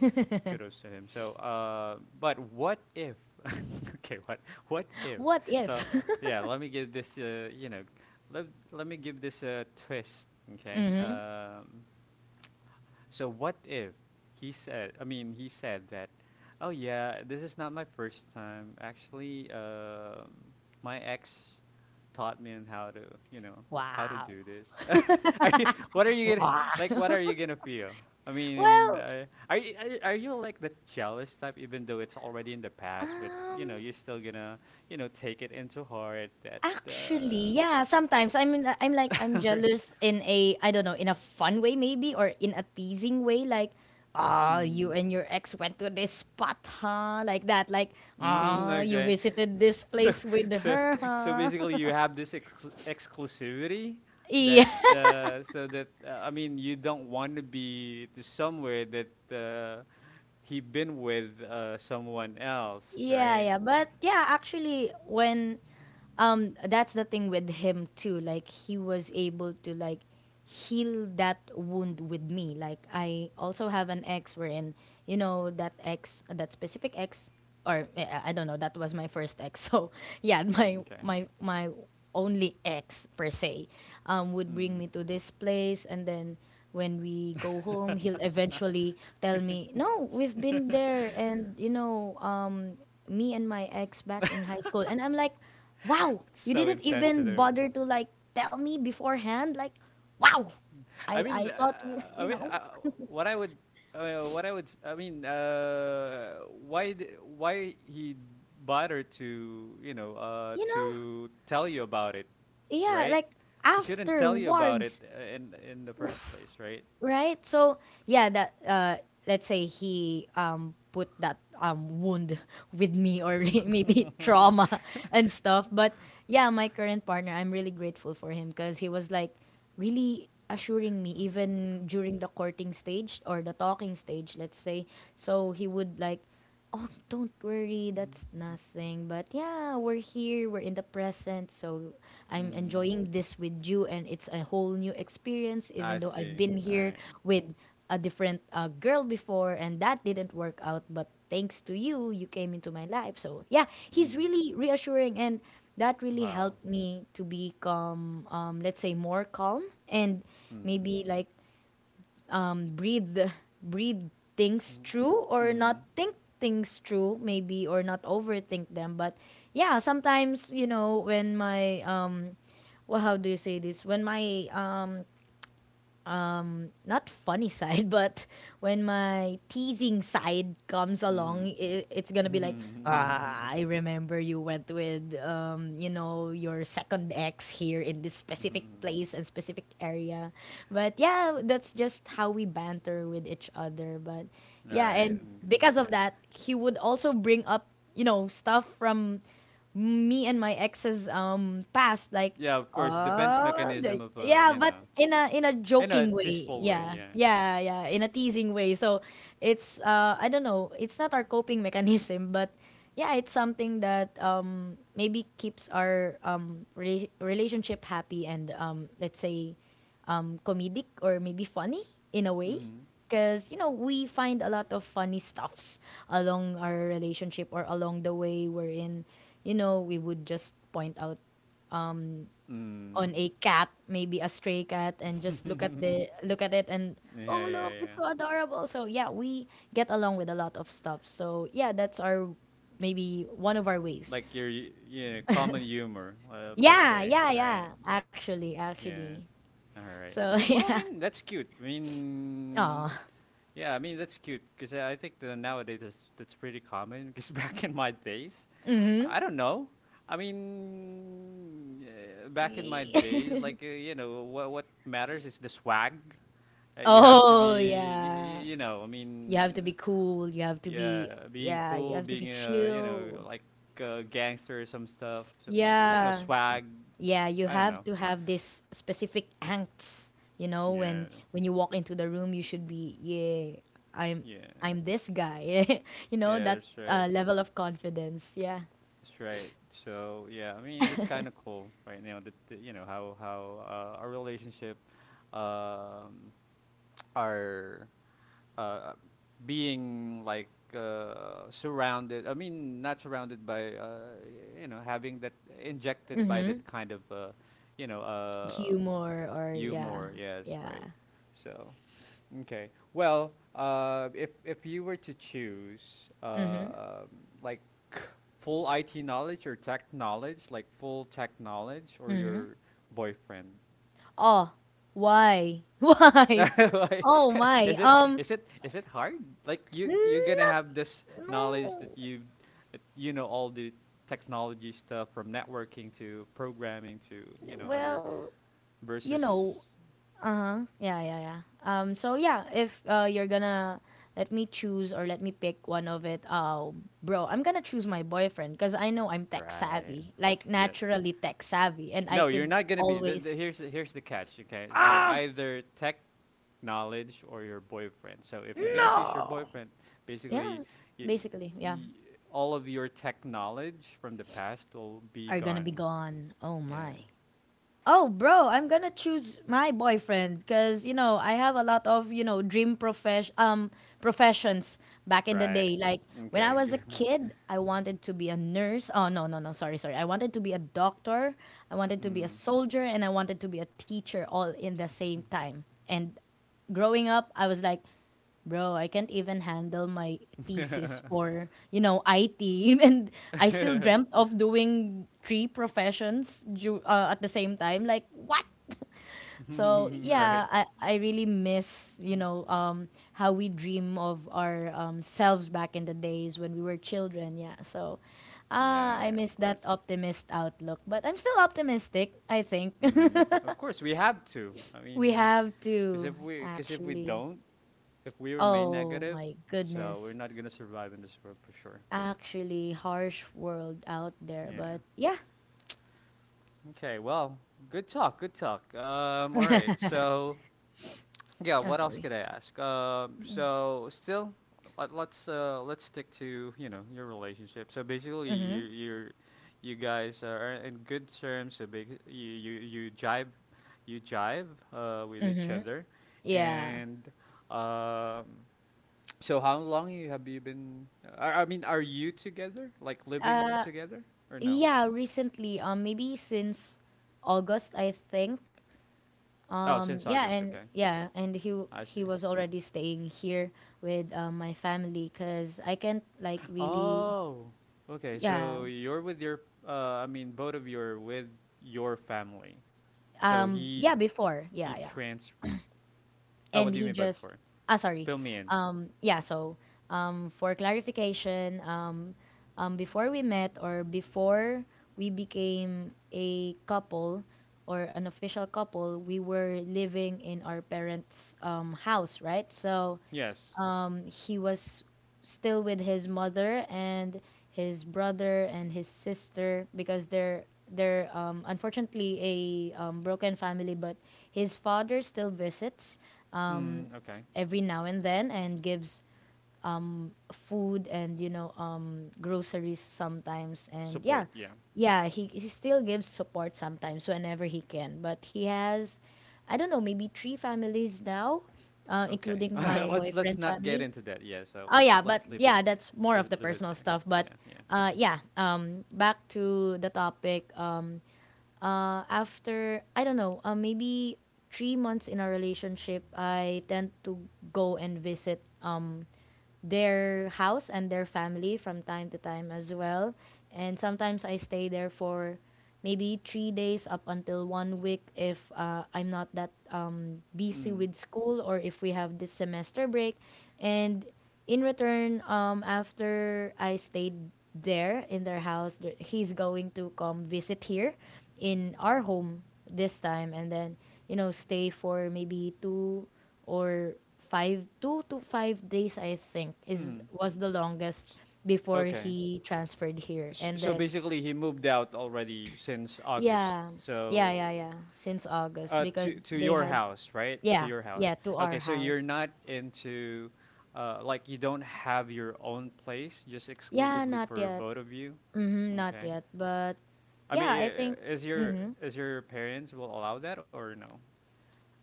Speaker 1: Kudos to him. So, but what if? <laughs> okay. What? What if?
Speaker 2: What
Speaker 1: So,
Speaker 2: if?
Speaker 1: yeah. Let Let me give this a twist. Okay. So what if he said, I mean, he said that, oh yeah, this is not my first time. Actually, my ex taught me on how to, you know,
Speaker 2: <laughs>
Speaker 1: how to
Speaker 2: Wow.
Speaker 1: do this. <laughs> Are you, what are you gonna, like, what are you gonna feel? I mean,
Speaker 2: Well,
Speaker 1: are you, are you like the jealous type, even though it's already in the past, but you know,
Speaker 2: um
Speaker 1: you're still gonna, you know, take it into heart that, uh,
Speaker 2: actually, yeah, sometimes I'm like, I'm
Speaker 1: <laughs>
Speaker 2: jealous in a, I don't know, in a fun way maybe, or in a teasing way, like, ah, you
Speaker 1: Mm.
Speaker 2: and your ex went to this spot, huh? Like that, like,
Speaker 1: Mm,
Speaker 2: ah, you
Speaker 1: okay.
Speaker 2: visited this
Speaker 1: So,
Speaker 2: place with
Speaker 1: so,
Speaker 2: her,
Speaker 1: so
Speaker 2: huh?
Speaker 1: basically, you
Speaker 2: <laughs>
Speaker 1: have this exclusivity
Speaker 2: Yeah.
Speaker 1: that so that I mean, you don't want to be to somewhere that he been with someone else,
Speaker 2: Yeah,
Speaker 1: right?
Speaker 2: yeah. But yeah, actually when that's the thing with him too. Like, he was able to like heal that wound with me. Like, I also have an ex wherein, you know, that ex, that specific ex, or eh, I don't know, that was my first ex. <laughs> So yeah, my
Speaker 1: Mm, okay.
Speaker 2: my my only ex per se would bring
Speaker 1: Mm.
Speaker 2: me to this place, and then when we go home, he'll eventually tell me, no, we've been there, and me and my ex back in high school. And I'm like, wow,
Speaker 1: It's
Speaker 2: you
Speaker 1: so
Speaker 2: didn't even
Speaker 1: insensitive.
Speaker 2: bother to like tell me beforehand. Like, wow,
Speaker 1: I
Speaker 2: I
Speaker 1: mean, uh,
Speaker 2: thought we were,
Speaker 1: I
Speaker 2: you
Speaker 1: mean,
Speaker 2: know.
Speaker 1: what I would, What I would, I mean, why, d- why he bother to, you know,
Speaker 2: You know,
Speaker 1: to tell you about it,
Speaker 2: yeah,
Speaker 1: right?
Speaker 2: like
Speaker 1: It shouldn't tell you about it
Speaker 2: afterwards,
Speaker 1: in the first place, right?
Speaker 2: right? So yeah, that let's say he put that wound <laughs> with me, or <laughs> maybe trauma <laughs> and stuff. But yeah, my current partner, I'm really grateful for him because he was like really assuring me even during the courting stage, or the talking stage, let's say. So he would like, oh, don't worry, that's nothing. But yeah, we're here, we're in the present, so I'm
Speaker 1: Mm,
Speaker 2: enjoying this with you, and it's a whole new experience,
Speaker 1: I
Speaker 2: even though I've
Speaker 1: see.
Speaker 2: been
Speaker 1: All
Speaker 2: here
Speaker 1: right.
Speaker 2: with a different girl before, and that didn't work out. But thanks to you, you came into my life. So yeah, he's
Speaker 1: Mm,
Speaker 2: really reassuring, and that really
Speaker 1: wow.
Speaker 2: helped me to become, let's say, more calm, and
Speaker 1: Mm.
Speaker 2: maybe like um, breathe breathe things true, or not
Speaker 1: Mm.
Speaker 2: think things true, maybe, or not overthink them. But yeah, sometimes, you know, when my well, how do you say this, when my not funny <laughs> side, but when my teasing side comes
Speaker 1: Mm.
Speaker 2: along, I it's gonna be like, ah,
Speaker 1: Mm-hmm. <laughs>
Speaker 2: I remember you went with you know, your second ex here in this specific
Speaker 1: Hmm.
Speaker 2: place and specific area. But yeah, that's just how we banter with each other. But yeah,
Speaker 1: Right.
Speaker 2: and
Speaker 1: Mm,
Speaker 2: because of
Speaker 1: okay.
Speaker 2: that, he would also bring up, you know, stuff from me and my ex's past, like,
Speaker 1: Yeah, of course, defense
Speaker 2: ah,
Speaker 1: mechanism
Speaker 2: there-
Speaker 1: of
Speaker 2: yeah,
Speaker 1: you
Speaker 2: but
Speaker 1: know,
Speaker 2: in a, in a
Speaker 1: in a
Speaker 2: joking way,
Speaker 1: tasteful way.
Speaker 2: yeah,
Speaker 1: Yeah.
Speaker 2: yeah, yeah, in a teasing way. So it's I don't know, it's not our coping <laughs> mechanism, but yeah, it's something that maybe keeps our relationship happy, and let's say comedic, or maybe funny in a way.
Speaker 1: Mm.
Speaker 2: Because, you know, we find a lot of funny stuffs along our relationship, or along the way, wherein, you know, we would just point out
Speaker 1: Mm.
Speaker 2: on a cat, maybe a stray cat, and just
Speaker 1: <laughs>
Speaker 2: look at it, and oh
Speaker 1: yeah, yeah,
Speaker 2: look, it's
Speaker 1: yeah.
Speaker 2: so adorable. So yeah, we get along with a lot of stuff. So yeah, that's our, maybe one of our ways.
Speaker 1: Like your yeah common humor per
Speaker 2: Yeah,
Speaker 1: se,
Speaker 2: yeah,
Speaker 1: right?
Speaker 2: yeah.
Speaker 1: Like
Speaker 2: Actually, actually.
Speaker 1: yeah. All right.
Speaker 2: So <laughs>
Speaker 1: Well, I
Speaker 2: yeah.
Speaker 1: mean, that's cute. I mean,
Speaker 2: Oh.
Speaker 1: yeah, I mean, that's cute because I think that nowadays that's pretty common. Because <laughs> back in my days,
Speaker 2: Mm-hmm.
Speaker 1: I don't know. I mean, back in my
Speaker 2: <laughs>
Speaker 1: days, like, you know, what matters is the swag. You have to
Speaker 2: Oh
Speaker 1: be,
Speaker 2: yeah.
Speaker 1: you know,
Speaker 2: You have to be cool. You have to be,
Speaker 1: yeah, being
Speaker 2: yeah, you
Speaker 1: cool,
Speaker 2: have to be
Speaker 1: being, you know,
Speaker 2: chill.
Speaker 1: like a gangster or some stuff, something like that. You know,
Speaker 2: Yeah.
Speaker 1: swag.
Speaker 2: Yeah, you
Speaker 1: I don't
Speaker 2: have
Speaker 1: know.
Speaker 2: to have this specific angst, you know,
Speaker 1: Yeah,
Speaker 2: when you walk into the room, you should be, yeah, I'm
Speaker 1: yeah,
Speaker 2: I'm this guy. <laughs> You know,
Speaker 1: yeah, that's
Speaker 2: that
Speaker 1: right.
Speaker 2: level of confidence. Yeah.
Speaker 1: That's right. So yeah, I mean that's kind of cool right now that that, you know how our relationship um, <tsk> are uh, being like surrounded. I mean not surrounded by you know having that injected by that kind of you know um
Speaker 2: Humor, or yeah.
Speaker 1: humor. Yes,
Speaker 2: Yeah.
Speaker 1: right. So okay. Well, if you were to choose,
Speaker 2: Mm-hmm.
Speaker 1: like <clears throat> full IT knowledge or tech knowledge, like full tech knowledge, or your boyfriend,
Speaker 2: Oh, why? <laughs>
Speaker 1: <laughs>
Speaker 2: Why?
Speaker 1: Why?
Speaker 2: Oh
Speaker 1: <laughs>
Speaker 2: my.
Speaker 1: is it, is it, is it hard? Like you, you're gonna
Speaker 2: Not.
Speaker 1: have this knowledge
Speaker 2: No.
Speaker 1: that you know all the technology stuff from networking to programming to you know other
Speaker 2: Well, you
Speaker 1: versus
Speaker 2: know, uh huh, yeah, yeah, yeah. So yeah, if you're gonna let me choose, or let me pick one of it, bro, I'm gonna choose my boyfriend, because I know I'm tech
Speaker 1: right.
Speaker 2: savvy, like
Speaker 1: Yeah.
Speaker 2: naturally tech savvy, and I
Speaker 1: No, you're
Speaker 2: could
Speaker 1: not gonna be.
Speaker 2: always,
Speaker 1: Here's the, here's the catch. Okay, so either tech knowledge or your boyfriend. So if you're gonna choose your boyfriend, basically,
Speaker 2: yeah,
Speaker 1: y
Speaker 2: basically, yeah,
Speaker 1: y all of your tech knowledge from the past will be
Speaker 2: are gonna be
Speaker 1: gone.
Speaker 2: gone. Oh
Speaker 1: Yeah.
Speaker 2: my. Oh, bro, I'm gonna choose my boyfriend, because you know, I have a lot of, you know, dream professions back in the
Speaker 1: Right.
Speaker 2: day. Like, when I
Speaker 1: Okay.
Speaker 2: was a kid, I wanted to be a nurse. Oh no, no, no, sorry, sorry. I wanted to be a doctor. I wanted
Speaker 1: <laughs>
Speaker 2: to be a
Speaker 1: mm.
Speaker 2: soldier, and I wanted to be a teacher all in the same time. And growing up, I was like, bro, I can't even handle my thesis for, you know, IT. <laughs> And I still dreamt of doing three professions at the same time. Like, what? <laughs> So,
Speaker 1: <laughs> right.
Speaker 2: yeah, I really miss, you know, how we dream of our selves back in the days when we were children. Yeah. So,
Speaker 1: Yeah.
Speaker 2: ah, I
Speaker 1: Yeah. Of
Speaker 2: miss that
Speaker 1: course.
Speaker 2: optimist outlook. But I'm still optimistic, I think. <laughs>
Speaker 1: Mm. Of course, we have to. I
Speaker 2: We
Speaker 1: mean,
Speaker 2: have
Speaker 1: because
Speaker 2: to.
Speaker 1: if we, because if we
Speaker 2: Actually.
Speaker 1: don't, if we remain
Speaker 2: Oh
Speaker 1: negative,
Speaker 2: my
Speaker 1: so we're
Speaker 2: goodness.
Speaker 1: not gonna survive in this world for sure.
Speaker 2: Actually, harsh world out there,
Speaker 1: Yeah.
Speaker 2: but yeah.
Speaker 1: Okay. Well, good talk. Good talk. All right. So yeah.
Speaker 2: I'm
Speaker 1: What else
Speaker 2: sorry.
Speaker 1: could I ask? So still, let's stick to you know your relationship. So basically, you guys are in good terms. So big you jive with each other,
Speaker 2: Yeah.
Speaker 1: and um. <tsk> So how long you have you been? I mean, are you together? Like living
Speaker 2: Uh
Speaker 1: together or no?
Speaker 2: yeah, recently, maybe since August, I think.
Speaker 1: Oh, since
Speaker 2: Yeah,
Speaker 1: August.
Speaker 2: and
Speaker 1: Okay.
Speaker 2: yeah, and he
Speaker 1: I
Speaker 2: he
Speaker 1: see.
Speaker 2: was already staying here with my family, cuz I can't like really,
Speaker 1: Oh, okay.
Speaker 2: yeah.
Speaker 1: So you're with your, I mean, both of you are with your family. So
Speaker 2: Yeah, before.
Speaker 1: he
Speaker 2: Yeah, yeah.
Speaker 1: trans. Oh, what
Speaker 2: and
Speaker 1: do you
Speaker 2: he
Speaker 1: mean by
Speaker 2: just
Speaker 1: before?
Speaker 2: ah Sorry.
Speaker 1: Fill me in.
Speaker 2: um yeah so for clarification, before we met, or before we became a couple or an official couple, we were living in our parents' house, right? So
Speaker 1: Yes.
Speaker 2: he was still with his mother and his brother and his sister because they're unfortunately a broken family, but his father still visits
Speaker 1: Mm, okay.
Speaker 2: every now and then and gives food and groceries sometimes. And yeah,
Speaker 1: Support. Yeah.
Speaker 2: yeah, he still gives support sometimes whenever he can, but he has, I don't know, maybe three families now,
Speaker 1: Okay. <laughs>
Speaker 2: including
Speaker 1: All
Speaker 2: my
Speaker 1: right. Let's
Speaker 2: boyfriend's
Speaker 1: not get
Speaker 2: family.
Speaker 1: into that. Yeah. So
Speaker 2: Oh yeah,
Speaker 1: let's
Speaker 2: but
Speaker 1: leave it,
Speaker 2: yeah, that's more
Speaker 1: leave
Speaker 2: of
Speaker 1: it,
Speaker 2: the
Speaker 1: leave it
Speaker 2: personal
Speaker 1: there.
Speaker 2: stuff, but
Speaker 1: Yeah. Yeah.
Speaker 2: yeah back to the topic. After, I don't know, maybe 3 months in our relationship, I tend to go and visit their house and their family from time to time as well. And sometimes I stay there for maybe 3 days up until one week if I'm not that busy
Speaker 1: Mm.
Speaker 2: with school, or if we have this semester break. And in return, after I stayed there in their house, he's going to come visit here in our home this time, and then stay for maybe 2 to 5 days, I think, is
Speaker 1: Mm.
Speaker 2: was the longest
Speaker 1: S-
Speaker 2: before
Speaker 1: okay.
Speaker 2: he transferred here. And
Speaker 1: So
Speaker 2: then
Speaker 1: basically, he moved out already since August.
Speaker 2: yeah, yeah,
Speaker 1: So
Speaker 2: yeah, yeah, since August because
Speaker 1: To
Speaker 2: they
Speaker 1: your
Speaker 2: had
Speaker 1: house, right? To
Speaker 2: yeah,
Speaker 1: your house.
Speaker 2: yeah, to
Speaker 1: Okay,
Speaker 2: our
Speaker 1: so you're
Speaker 2: house.
Speaker 1: not into, like you don't have your own place, just
Speaker 2: Yeah,
Speaker 1: exclusively
Speaker 2: not
Speaker 1: for
Speaker 2: yet.
Speaker 1: both of you.
Speaker 2: Mm-hmm, not
Speaker 1: Okay.
Speaker 2: yet, but
Speaker 1: I mean,
Speaker 2: yeah, I think.
Speaker 1: is your,
Speaker 2: Mm-hmm.
Speaker 1: is your parents will allow that or no?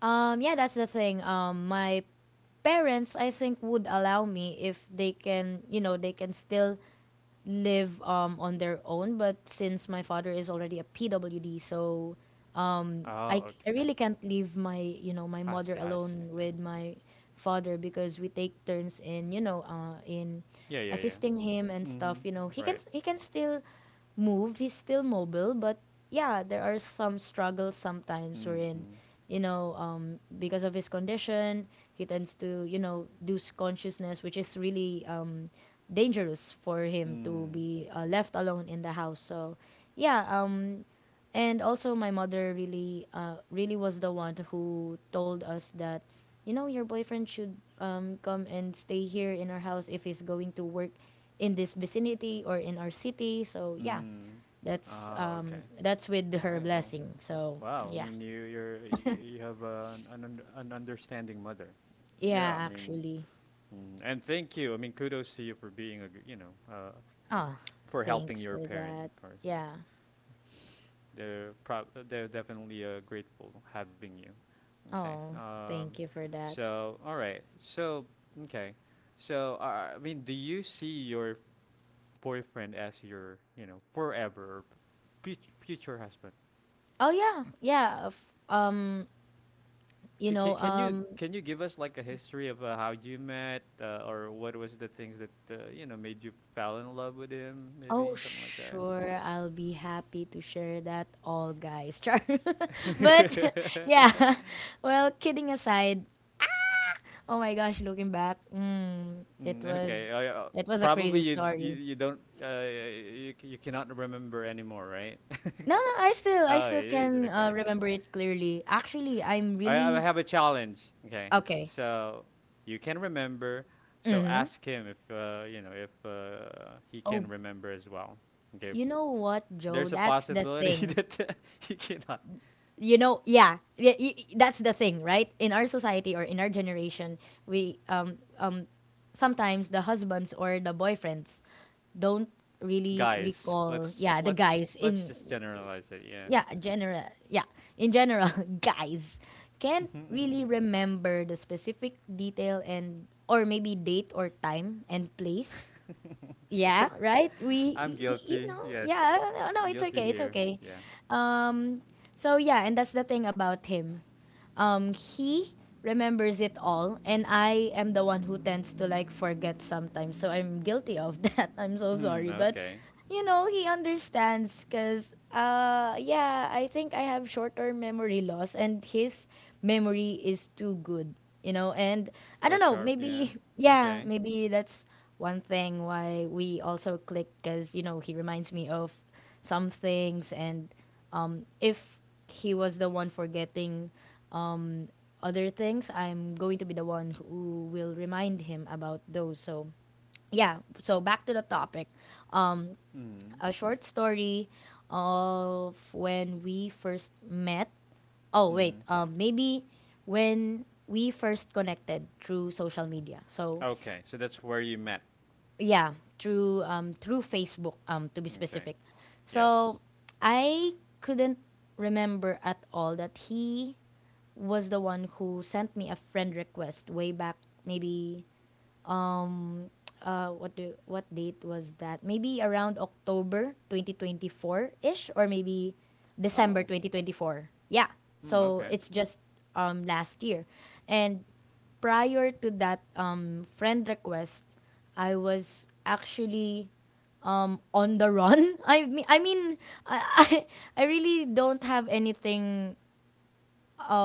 Speaker 2: Yeah, that's the thing. My parents, I think, would allow me if they can, you know, they can still live on their own. But since my father is already a PWD, so
Speaker 1: Oh,
Speaker 2: I
Speaker 1: okay.
Speaker 2: really can't leave my you know my
Speaker 1: I see.
Speaker 2: mother
Speaker 1: I see.
Speaker 2: alone
Speaker 1: Okay.
Speaker 2: with my father because we take turns in, in
Speaker 1: Yeah. Yeah. Yeah.
Speaker 2: assisting him and
Speaker 1: Mm-hmm.
Speaker 2: stuff. You know, he can,
Speaker 1: Right.
Speaker 2: still move, he's still mobile, but yeah, there are some struggles sometimes
Speaker 1: Mm.
Speaker 2: wherein, because of his condition, he tends to, you know, lose consciousness, which is really dangerous for him to
Speaker 1: Mm.
Speaker 2: be left alone in the house. So yeah. And also, my mother really, really was the one who told us that, you know, your boyfriend should, come and stay here in our house if he's going to work in this vicinity or in our city. So yeah,
Speaker 1: Mm. Oh, okay.
Speaker 2: that's with
Speaker 1: All
Speaker 2: her
Speaker 1: right. Well.
Speaker 2: blessing. So
Speaker 1: Wow. I
Speaker 2: yeah,
Speaker 1: mean, you you're you you have an understanding mother. Yeah.
Speaker 2: yeah,
Speaker 1: I mean
Speaker 2: actually.
Speaker 1: Mm, and thank you. I mean, kudos to you for being a, you know,
Speaker 2: Oh,
Speaker 1: for helping
Speaker 2: thanks
Speaker 1: your
Speaker 2: for
Speaker 1: parent,
Speaker 2: that.
Speaker 1: of course. Yeah.
Speaker 2: Yeah.
Speaker 1: They're definitely grateful having you. Okay.
Speaker 2: Oh, thank you for that.
Speaker 1: So all right. So okay. So I mean, do you see your boyfriend as your, you know, forever or future husband?
Speaker 2: Oh yeah, yeah. Um, you know,
Speaker 1: Can you,
Speaker 2: um,
Speaker 1: can you give us like a history of how you met or what was the things that you know made you fall in love with him? Maybe
Speaker 2: Oh,
Speaker 1: something like that.
Speaker 2: sure, I'll be happy to share that all, guys. <laughs> Char. But <laughs> yeah,
Speaker 1: <laughs>
Speaker 2: <laughs> well, kidding aside, oh my gosh, looking back,
Speaker 1: Mm, okay. Oh, yeah. Oh,
Speaker 2: it was a crazy
Speaker 1: Probably you you,
Speaker 2: story.
Speaker 1: you don't you cannot remember anymore, right?
Speaker 2: No, no,
Speaker 1: <laughs>
Speaker 2: I
Speaker 1: Oh,
Speaker 2: still
Speaker 1: it is.
Speaker 2: can,
Speaker 1: Okay,
Speaker 2: remember
Speaker 1: okay.
Speaker 2: it clearly. Actually, I'm
Speaker 1: I
Speaker 2: really
Speaker 1: have a challenge. Okay,
Speaker 2: okay.
Speaker 1: so you can remember. So
Speaker 2: Mhm.
Speaker 1: ask him if if he
Speaker 2: Oh,
Speaker 1: can remember as well. Okay,
Speaker 2: you know what, Joe?
Speaker 1: there's a
Speaker 2: That's the
Speaker 1: possibility <laughs>
Speaker 2: thing.
Speaker 1: that he cannot.
Speaker 2: Yeah, yeah, that's the thing, right? In our society or in our generation, we, sometimes the husbands or the boyfriends don't really
Speaker 1: Guys,
Speaker 2: recall,
Speaker 1: let's
Speaker 2: yeah, the
Speaker 1: let's
Speaker 2: guys
Speaker 1: let's
Speaker 2: in,
Speaker 1: just generalize it. Yeah.
Speaker 2: yeah, general, yeah, in general. <laughs> Guys can't really remember the specific detail and or maybe date or time and place,
Speaker 1: <laughs>
Speaker 2: yeah,
Speaker 1: <laughs>
Speaker 2: right, we,
Speaker 1: I'm
Speaker 2: you
Speaker 1: guilty.
Speaker 2: know, yeah.
Speaker 1: Yes.
Speaker 2: No, no, it's
Speaker 1: Guilty
Speaker 2: okay, it's
Speaker 1: here.
Speaker 2: okay.
Speaker 1: Yeah.
Speaker 2: um so yeah, and that's the thing about him. He remembers it all, and I am the one who tends to, like, forget sometimes. So I'm guilty of <laughs> that. I'm so
Speaker 1: Hmm.
Speaker 2: sorry, but
Speaker 1: Okay.
Speaker 2: you know he understands because yeah, I think I have short-term memory loss, and his memory is too good. You know, and I
Speaker 1: Still
Speaker 2: don't know.
Speaker 1: sharp. Yeah.
Speaker 2: Maybe yeah,
Speaker 1: Okay.
Speaker 2: maybe that's one thing why we also click because you know he reminds me of some things. And if he was the one forgetting, um, other things, I'm going to be the one who will remind him about those. So yeah, so back to the topic. Um,
Speaker 1: Hmm.
Speaker 2: a short story of when we first met. Oh
Speaker 1: Hmm.
Speaker 2: wait, maybe when we first connected through social media. So
Speaker 1: Okay. So that's where you met.
Speaker 2: yeah, through Facebook, to be
Speaker 1: Okay.
Speaker 2: specific.
Speaker 1: Yes.
Speaker 2: So I couldn't remember at all that he was the one who sent me a friend request way back, maybe, what date was that? Maybe around October 2024ish, or maybe December
Speaker 1: Oh.
Speaker 2: 2024. Yeah,
Speaker 1: Hmm.
Speaker 2: so
Speaker 1: Okay.
Speaker 2: it's just last year. And prior to that friend request, I was actually on the run. <laughs> I mean, i I really don't have anything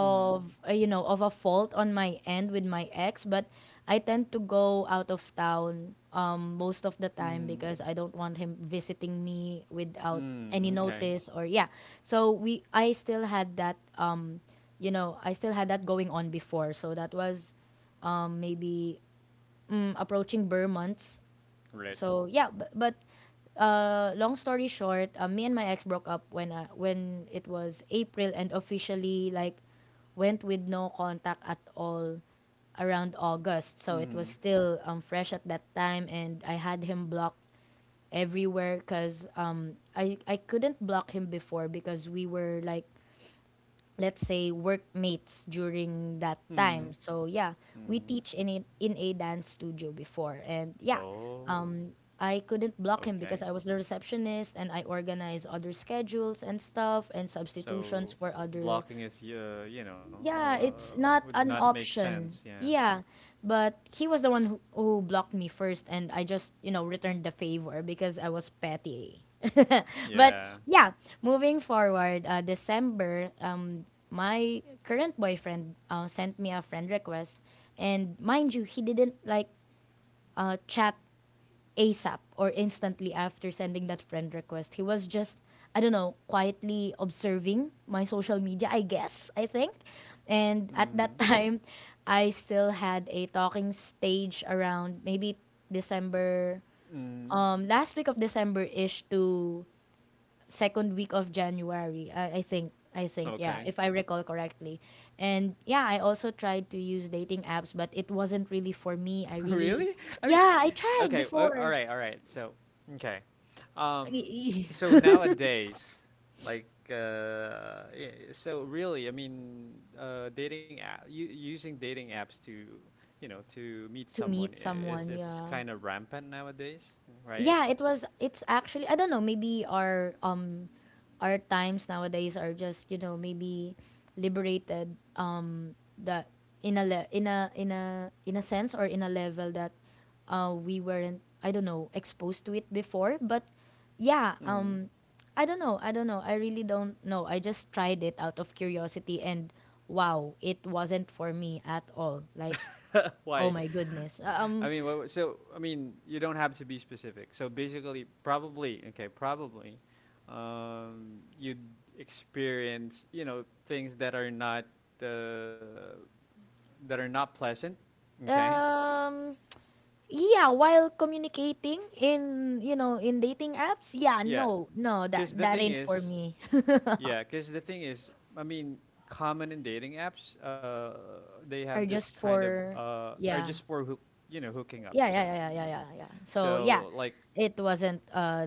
Speaker 1: Hmm.
Speaker 2: you know, of a fault on my end with my ex, but I tend to go out of town most of the time
Speaker 1: Hmm.
Speaker 2: because I don't want him visiting me without any
Speaker 1: Hmm. Okay.
Speaker 2: notice or, yeah. so we I still had that, I still had that going on before. So that was maybe, approaching Burr.
Speaker 1: Right.
Speaker 2: So yeah, but long story short, me and my ex broke up when, it was April, and officially, like, went with no contact at all around August. So it was
Speaker 1: Hmm.
Speaker 2: still fresh at that time, and I had him blocked everywhere because I couldn't block him before because we were, like, let's say workmates during that
Speaker 1: Hmm.
Speaker 2: time. So yeah,
Speaker 1: Hmm.
Speaker 2: we teach in a dance studio before, and yeah,
Speaker 1: Oh.
Speaker 2: I couldn't block him because
Speaker 1: Okay.
Speaker 2: I was the receptionist and I organized other schedules and stuff and substitutions
Speaker 1: So
Speaker 2: for other.
Speaker 1: blocking is
Speaker 2: Yeah, it's not
Speaker 1: would
Speaker 2: an
Speaker 1: not make sense.
Speaker 2: option.
Speaker 1: Yeah.
Speaker 2: Yeah, but he was the one who blocked me first, and I just, you know, returned the favor because I was petty. <laughs> But
Speaker 1: Yeah.
Speaker 2: yeah, moving forward, December, my current boyfriend sent me a friend request. And mind you, he didn't like, chat ASAP or instantly after sending that friend request. He was just, I don't know, quietly observing my social media, I guess, I think. And at
Speaker 1: Hmm.
Speaker 2: that <laughs> time, I still had a talking stage around maybe December,
Speaker 1: Hmm. Hmm.
Speaker 2: last week of December ish to second week of January, I think. I think, yeah,
Speaker 1: Okay.
Speaker 2: if I recall correctly. And yeah, I also tried to use dating apps, but it wasn't really for me. I
Speaker 1: <laughs>
Speaker 2: really,
Speaker 1: Really? I mean,
Speaker 2: yeah, I tried
Speaker 1: okay, all
Speaker 2: before.
Speaker 1: right, all right. So, okay.
Speaker 2: Like,
Speaker 1: Um,
Speaker 2: <laughs>
Speaker 1: so nowadays, like, yeah, so really, I mean, dating using dating apps to, you know, to meet
Speaker 2: To
Speaker 1: someone
Speaker 2: meet
Speaker 1: i- is
Speaker 2: someone,
Speaker 1: is
Speaker 2: yeah.
Speaker 1: kind of rampant nowadays, right?
Speaker 2: Yeah, it was, it's
Speaker 1: S-
Speaker 2: actually, I don't know, maybe our times nowadays are just, you know, maybe liberated, that in a in a sense, or in a level that we weren't, I don't know, exposed to it before, but yeah.
Speaker 1: mm.
Speaker 2: I don't know, I really don't know, I just tried it out of curiosity, and wow, it wasn't for me at all. Like,
Speaker 1: <laughs>
Speaker 2: oh
Speaker 1: Why?
Speaker 2: my goodness.
Speaker 1: I mean, so I mean, you don't have to be specific. So basically, probably okay, probably, you'd experience, you know, things that are not uh, pleasant. Okay,
Speaker 2: Um yeah, while communicating in, in dating apps, yeah.
Speaker 1: yeah,
Speaker 2: No, no,
Speaker 1: because the
Speaker 2: that
Speaker 1: thing
Speaker 2: ain't for
Speaker 1: is,
Speaker 2: me. <laughs>
Speaker 1: yeah, because the thing is, I mean, common in dating apps, they have
Speaker 2: Or
Speaker 1: this
Speaker 2: just
Speaker 1: kind of
Speaker 2: for,
Speaker 1: are just
Speaker 2: yeah,
Speaker 1: for you know, hooking up.
Speaker 2: yeah,
Speaker 1: So,
Speaker 2: yeah, yeah, yeah, yeah, yeah, yeah. So yeah,
Speaker 1: so, like
Speaker 2: it wasn't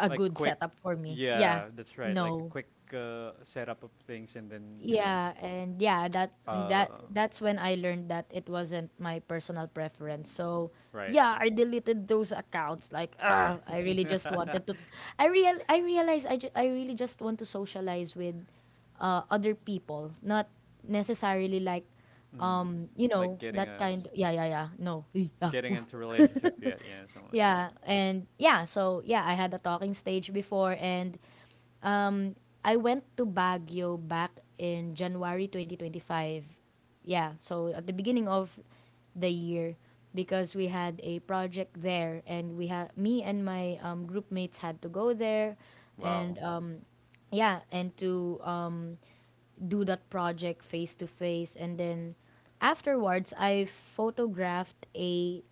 Speaker 2: a
Speaker 1: like
Speaker 2: good
Speaker 1: quick.
Speaker 2: setup for me, yeah.
Speaker 1: Yeah, that's right, like a
Speaker 2: No.
Speaker 1: quick setup of things, and then you know,
Speaker 2: Yeah, and yeah,
Speaker 1: uh
Speaker 2: that's when I learned that it wasn't my personal preference. So
Speaker 1: right.
Speaker 2: yeah, I deleted those accounts. Like, ugh, I really just
Speaker 1: <laughs>
Speaker 2: wanted to. I realized I really just want to socialize with, other people, not necessarily like,
Speaker 1: Mm,
Speaker 2: you
Speaker 1: like
Speaker 2: know,
Speaker 1: getting
Speaker 2: that kind. Yeah, yeah, yeah. No,
Speaker 1: getting into relationship yet, yeah, something
Speaker 2: <laughs>
Speaker 1: like that.
Speaker 2: yeah, and yeah. So yeah, I had a talking stage before, and I went to Baguio back in January 2025. Yeah, so at the beginning of the year because we had a project there, and we had me and my group mates had to go there,
Speaker 1: Wow.
Speaker 2: and to, do that project face to face. And then afterwards, I photographed a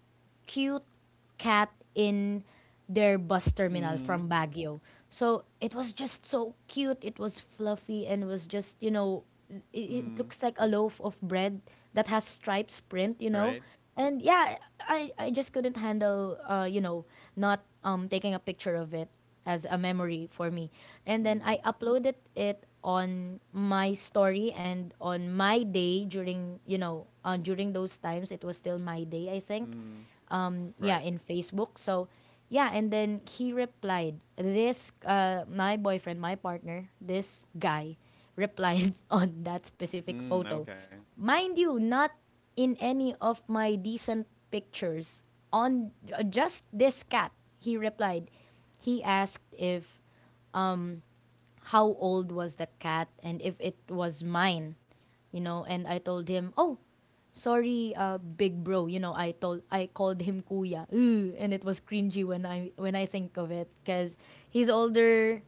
Speaker 2: cute cat in their bus terminal
Speaker 1: Mm.
Speaker 2: from Baguio. So it was just so cute. It was fluffy and was just, you know, it
Speaker 1: Mm.
Speaker 2: looks like a loaf of bread that has stripes print, you know.
Speaker 1: Right.
Speaker 2: And yeah, I just couldn't handle, not, taking a picture of it as a memory for me. And then I
Speaker 1: Mm.
Speaker 2: uploaded it on my story and on my day during those times, it was still my day, I think,
Speaker 1: Mm.
Speaker 2: yeah
Speaker 1: Right.
Speaker 2: in Facebook. So yeah, and then he replied, this my boyfriend, my partner, this guy replied <laughs> on that specific
Speaker 1: Mm.
Speaker 2: photo.
Speaker 1: Okay.
Speaker 2: Mind you, not in any of my decent pictures on, just this cat, he replied. He asked if how old was the cat and if it was mine, you know. And I told him, oh, sorry, big bro. You know, I called him kuya, ugh, and it was cringy when I think of it because he's older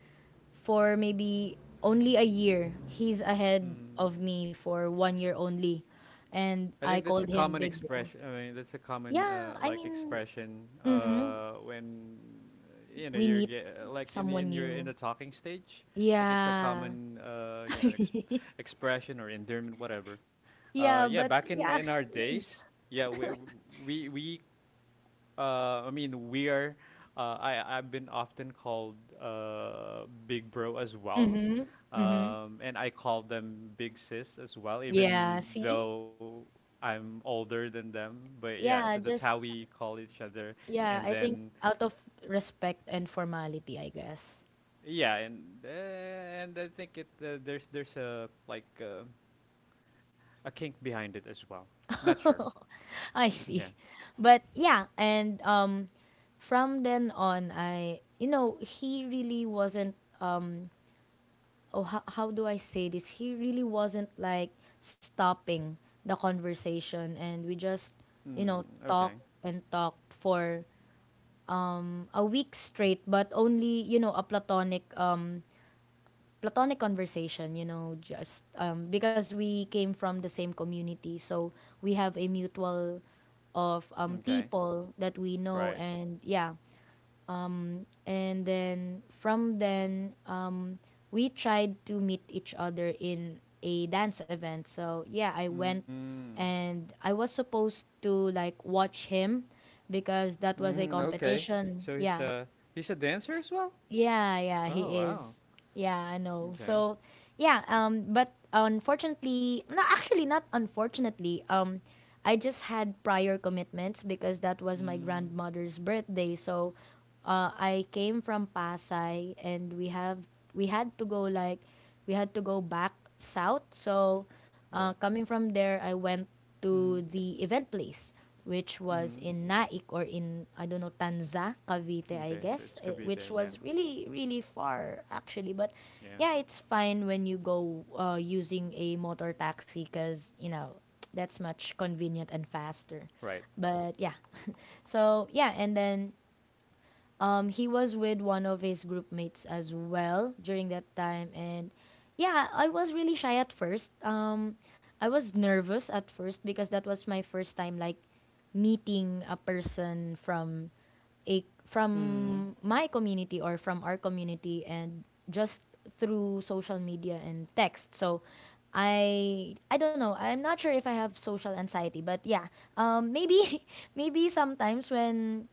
Speaker 2: for maybe only a year. He's ahead
Speaker 1: Mm.
Speaker 2: of me for 1 year only, and
Speaker 1: I think
Speaker 2: I
Speaker 1: that's a
Speaker 2: called
Speaker 1: common
Speaker 2: him big
Speaker 1: expression.
Speaker 2: bro.
Speaker 1: I mean, that's a common
Speaker 2: Yeah, I
Speaker 1: like
Speaker 2: mean,
Speaker 1: expression
Speaker 2: hmm
Speaker 1: when you know
Speaker 2: we
Speaker 1: you're,
Speaker 2: meet
Speaker 1: like, in the
Speaker 2: someone
Speaker 1: in your in
Speaker 2: new.
Speaker 1: the talking stage. Like it's a
Speaker 2: Yeah.
Speaker 1: common
Speaker 2: <laughs>
Speaker 1: expression or endearment, whatever.
Speaker 2: Yeah,
Speaker 1: Yeah,
Speaker 2: but
Speaker 1: back in
Speaker 2: yeah,
Speaker 1: our
Speaker 2: ee.
Speaker 1: days, yeah, we I mean, we are. I've been often called big bro as well,
Speaker 2: Mm-hmm.
Speaker 1: and I call them big sis as well,
Speaker 2: Yeah,
Speaker 1: even
Speaker 2: see?
Speaker 1: though I'm older than them. But yeah, so
Speaker 2: Yeah,
Speaker 1: that's how
Speaker 2: just,
Speaker 1: we call each other,
Speaker 2: yeah,
Speaker 1: and
Speaker 2: I think
Speaker 1: then
Speaker 2: out of respect and formality, I guess.
Speaker 1: yeah, and I think it there's a kink behind it as well. Not sure.
Speaker 2: <laughs> I
Speaker 1: <laughs> Yeah.
Speaker 2: see. But yeah, and from then on, he really wasn't. How do I say this? He really wasn't like stopping the conversation, and we just
Speaker 1: Mm, okay.
Speaker 2: talked and talked for a week straight, but only a platonic platonic conversation. You know, just because we came from the same community, so we have a mutual of
Speaker 1: Okay.
Speaker 2: people that we know,
Speaker 1: Right.
Speaker 2: and yeah, and then from then we tried to meet each other in a dance event. So yeah, I went
Speaker 1: Mm.
Speaker 2: and I was supposed to like watch him because that was a
Speaker 1: Mm, okay.
Speaker 2: competition.
Speaker 1: So he's
Speaker 2: Yeah.
Speaker 1: a he's a dancer as well?
Speaker 2: Yeah, yeah,
Speaker 1: Oh
Speaker 2: he
Speaker 1: wow.
Speaker 2: is. Yeah, I know.
Speaker 1: Okay.
Speaker 2: But unfortunately, no, actually not unfortunately. I just had prior commitments because that was my
Speaker 1: Mm,
Speaker 2: grandmother's birthday. So I came from Pasay and we had to go like we had to go back south.
Speaker 1: well.
Speaker 2: Coming from there, I went
Speaker 1: Mhm.
Speaker 2: to the event place, which was
Speaker 1: Mhm.
Speaker 2: in Naik or in, I don't know, Tanza, Cavite, I
Speaker 1: Okay. So
Speaker 2: guess,
Speaker 1: it's
Speaker 2: eh, which
Speaker 1: Cavite. Yeah.
Speaker 2: was really, really far actually. But
Speaker 1: Yeah.
Speaker 2: yeah, it's fine when you go using a motor taxi because, you know, that's much convenient and faster.
Speaker 1: Right.
Speaker 2: But yeah. So yeah, and then he was with one of his group mates as well during that time, and yeah, I was really shy at first. I was nervous at first because that was my first time like meeting a person from a
Speaker 1: Mhm.
Speaker 2: from my community or from our community and just through social media and text. So I don't know. I'm not sure if I have social anxiety, but yeah. Maybe <laughs> maybe sometimes when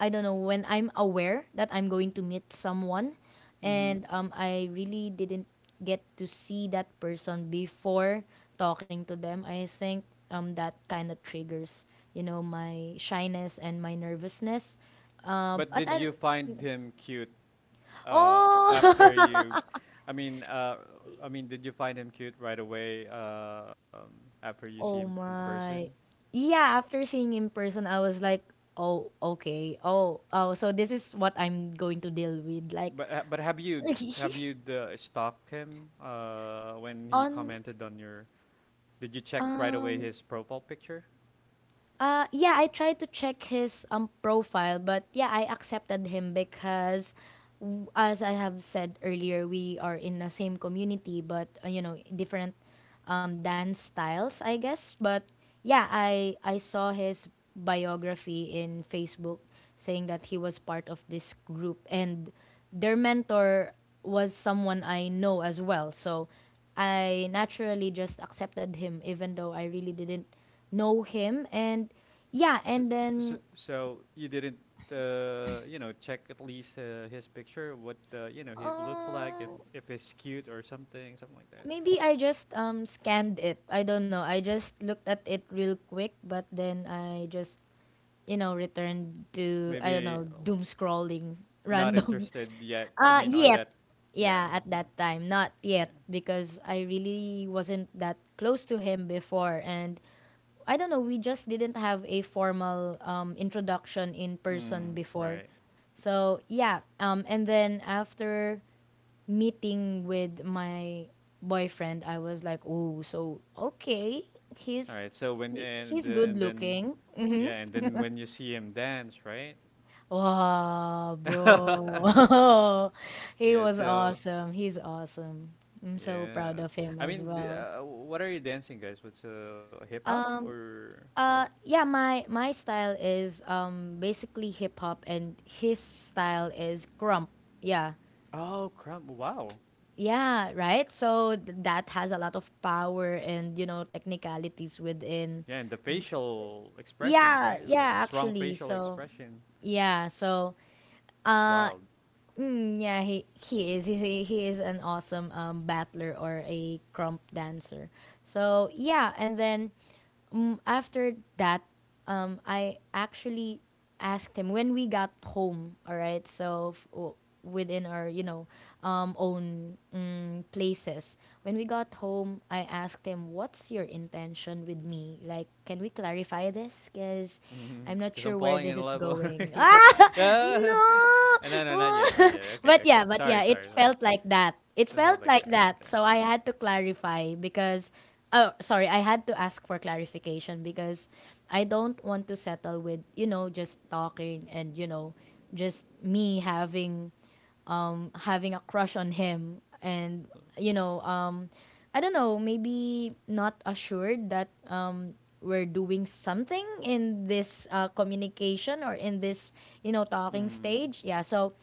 Speaker 2: I don't know when I'm aware that I'm going to meet someone,
Speaker 1: Mhm.
Speaker 2: and I really didn't get to see that person before talking to them. I think that kind of triggers, you know, my shyness and my nervousness. Um,
Speaker 1: But
Speaker 2: but
Speaker 1: did
Speaker 2: I,
Speaker 1: you find him cute after
Speaker 2: oh,
Speaker 1: you I mean I mean, did you find him cute right away, after you
Speaker 2: <laughs>
Speaker 1: see him
Speaker 2: oh
Speaker 1: in person?
Speaker 2: my, yeah. After seeing in person, I was like, oh, okay, oh, oh. So this is what I'm going to deal with, like,
Speaker 1: But have you
Speaker 2: <laughs>
Speaker 1: have you uh, stalked him when he
Speaker 2: on
Speaker 1: commented on your? Did you check right away
Speaker 2: um
Speaker 1: his profile picture?
Speaker 2: uh, yeah, I tried to check his profile, but yeah, I accepted him because, as I have said earlier, we are in the same community, but different dance styles, I guess. But yeah, I saw his biography in Facebook saying that he was part of this group and their mentor was someone I know as well. So I naturally just accepted him, even though I really didn't know him. And yeah,
Speaker 1: So
Speaker 2: and
Speaker 1: so,
Speaker 2: then
Speaker 1: so you didn't you know check at least his picture, what you know he looked like, if
Speaker 2: uh,
Speaker 1: if he's cute or something, something like that.
Speaker 2: maybe I just scanned it. I don't know. I just looked at it real quick, but then I just returned to, I don't
Speaker 1: Maybe
Speaker 2: know, doom scrolling <laughs>
Speaker 1: not
Speaker 2: random.
Speaker 1: interested yet. I mean on
Speaker 2: Yet.
Speaker 1: that, yeah,
Speaker 2: Yeah, at that time. Not
Speaker 1: yeah.
Speaker 2: yet. Because I really wasn't that close to him before. And I don't know, we just didn't have a formal introduction in person
Speaker 1: Mm,
Speaker 2: before.
Speaker 1: right.
Speaker 2: So, yeah. And then After meeting with my boyfriend, I was like, oh, so, okay.
Speaker 1: All
Speaker 2: He's
Speaker 1: right. So when and
Speaker 2: he's
Speaker 1: and
Speaker 2: good
Speaker 1: then
Speaker 2: looking.
Speaker 1: yeah, and then when you see him dance, right?
Speaker 2: Wow,
Speaker 1: <laughs>
Speaker 2: bro. <laughs> He
Speaker 1: Yeah,
Speaker 2: was
Speaker 1: so
Speaker 2: awesome. He's awesome. I'm so
Speaker 1: yeah.
Speaker 2: proud of him
Speaker 1: I
Speaker 2: as
Speaker 1: mean,
Speaker 2: well.
Speaker 1: what are you dancing, guys? What's hip hop or?
Speaker 2: Yeah, my style is basically hip hop, and his style is grump. Yeah,
Speaker 1: Oh crap! Wow.
Speaker 2: yeah, right. So that has a lot of power and, you know, technicalities
Speaker 1: Yeah,
Speaker 2: within.
Speaker 1: and the facial expression, right?
Speaker 2: Yeah,
Speaker 1: Like
Speaker 2: yeah,
Speaker 1: strong
Speaker 2: actually.
Speaker 1: facial expression.
Speaker 2: Yeah, so
Speaker 1: It's
Speaker 2: uh,
Speaker 1: wild. <laughs>
Speaker 2: Mm, yeah, he is. He is an awesome battler or a crump dancer. So yeah, and then After that, I actually asked him when we got home. All right, so within our, you know, own places. When we got home, I asked him, "What's your intention with me? Like, can we clarify this? Cause I'm not
Speaker 1: Because I'm
Speaker 2: sure where
Speaker 1: falling
Speaker 2: this
Speaker 1: in
Speaker 2: is
Speaker 1: love already.
Speaker 2: going." <laughs>
Speaker 1: <laughs>
Speaker 2: Ah,
Speaker 1: Yeah.
Speaker 2: no.
Speaker 1: No, no, not yet, not yet.
Speaker 2: <laughs>
Speaker 1: Okay,
Speaker 2: But yeah,
Speaker 1: okay.
Speaker 2: but
Speaker 1: Sorry,
Speaker 2: yeah, it
Speaker 1: sorry, sorry.
Speaker 2: felt like that. It
Speaker 1: It felt
Speaker 2: felt
Speaker 1: like
Speaker 2: like
Speaker 1: that.
Speaker 2: that.
Speaker 1: Okay.
Speaker 2: So I had to clarify because. Oh, sorry. I had to ask for clarification because I don't want to settle with, you know, just talking and, you know, just me having having a crush on him and, you know, I don't know, maybe not assured that we're doing something in this communication or in this, you know, talking
Speaker 1: Mm.
Speaker 2: stage.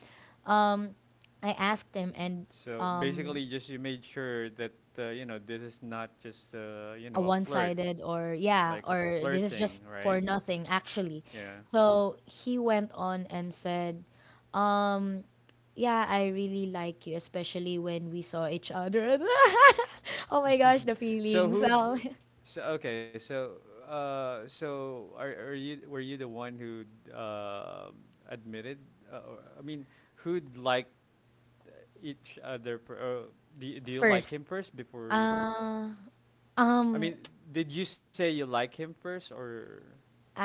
Speaker 2: um I asked him and
Speaker 1: So
Speaker 2: um,
Speaker 1: basically, just you made sure that you know this is not just you
Speaker 2: a
Speaker 1: know a flirt,
Speaker 2: one-sided, or
Speaker 1: like a
Speaker 2: yeah, or this is
Speaker 1: flirting,
Speaker 2: just
Speaker 1: right?
Speaker 2: for nothing, actually.
Speaker 1: Yeah.
Speaker 2: So he went on and said um yeah, I really like you, especially when we saw each other. <laughs> Oh my gosh, the
Speaker 1: So
Speaker 2: feelings,
Speaker 1: who? So okay. So so are you were you the one who um admitted? Or, I mean, who'd like each other?
Speaker 2: <laughs>
Speaker 1: Do you like
Speaker 2: first
Speaker 1: him first before?
Speaker 2: uh
Speaker 1: I
Speaker 2: um
Speaker 1: mean, did you say you like him first, or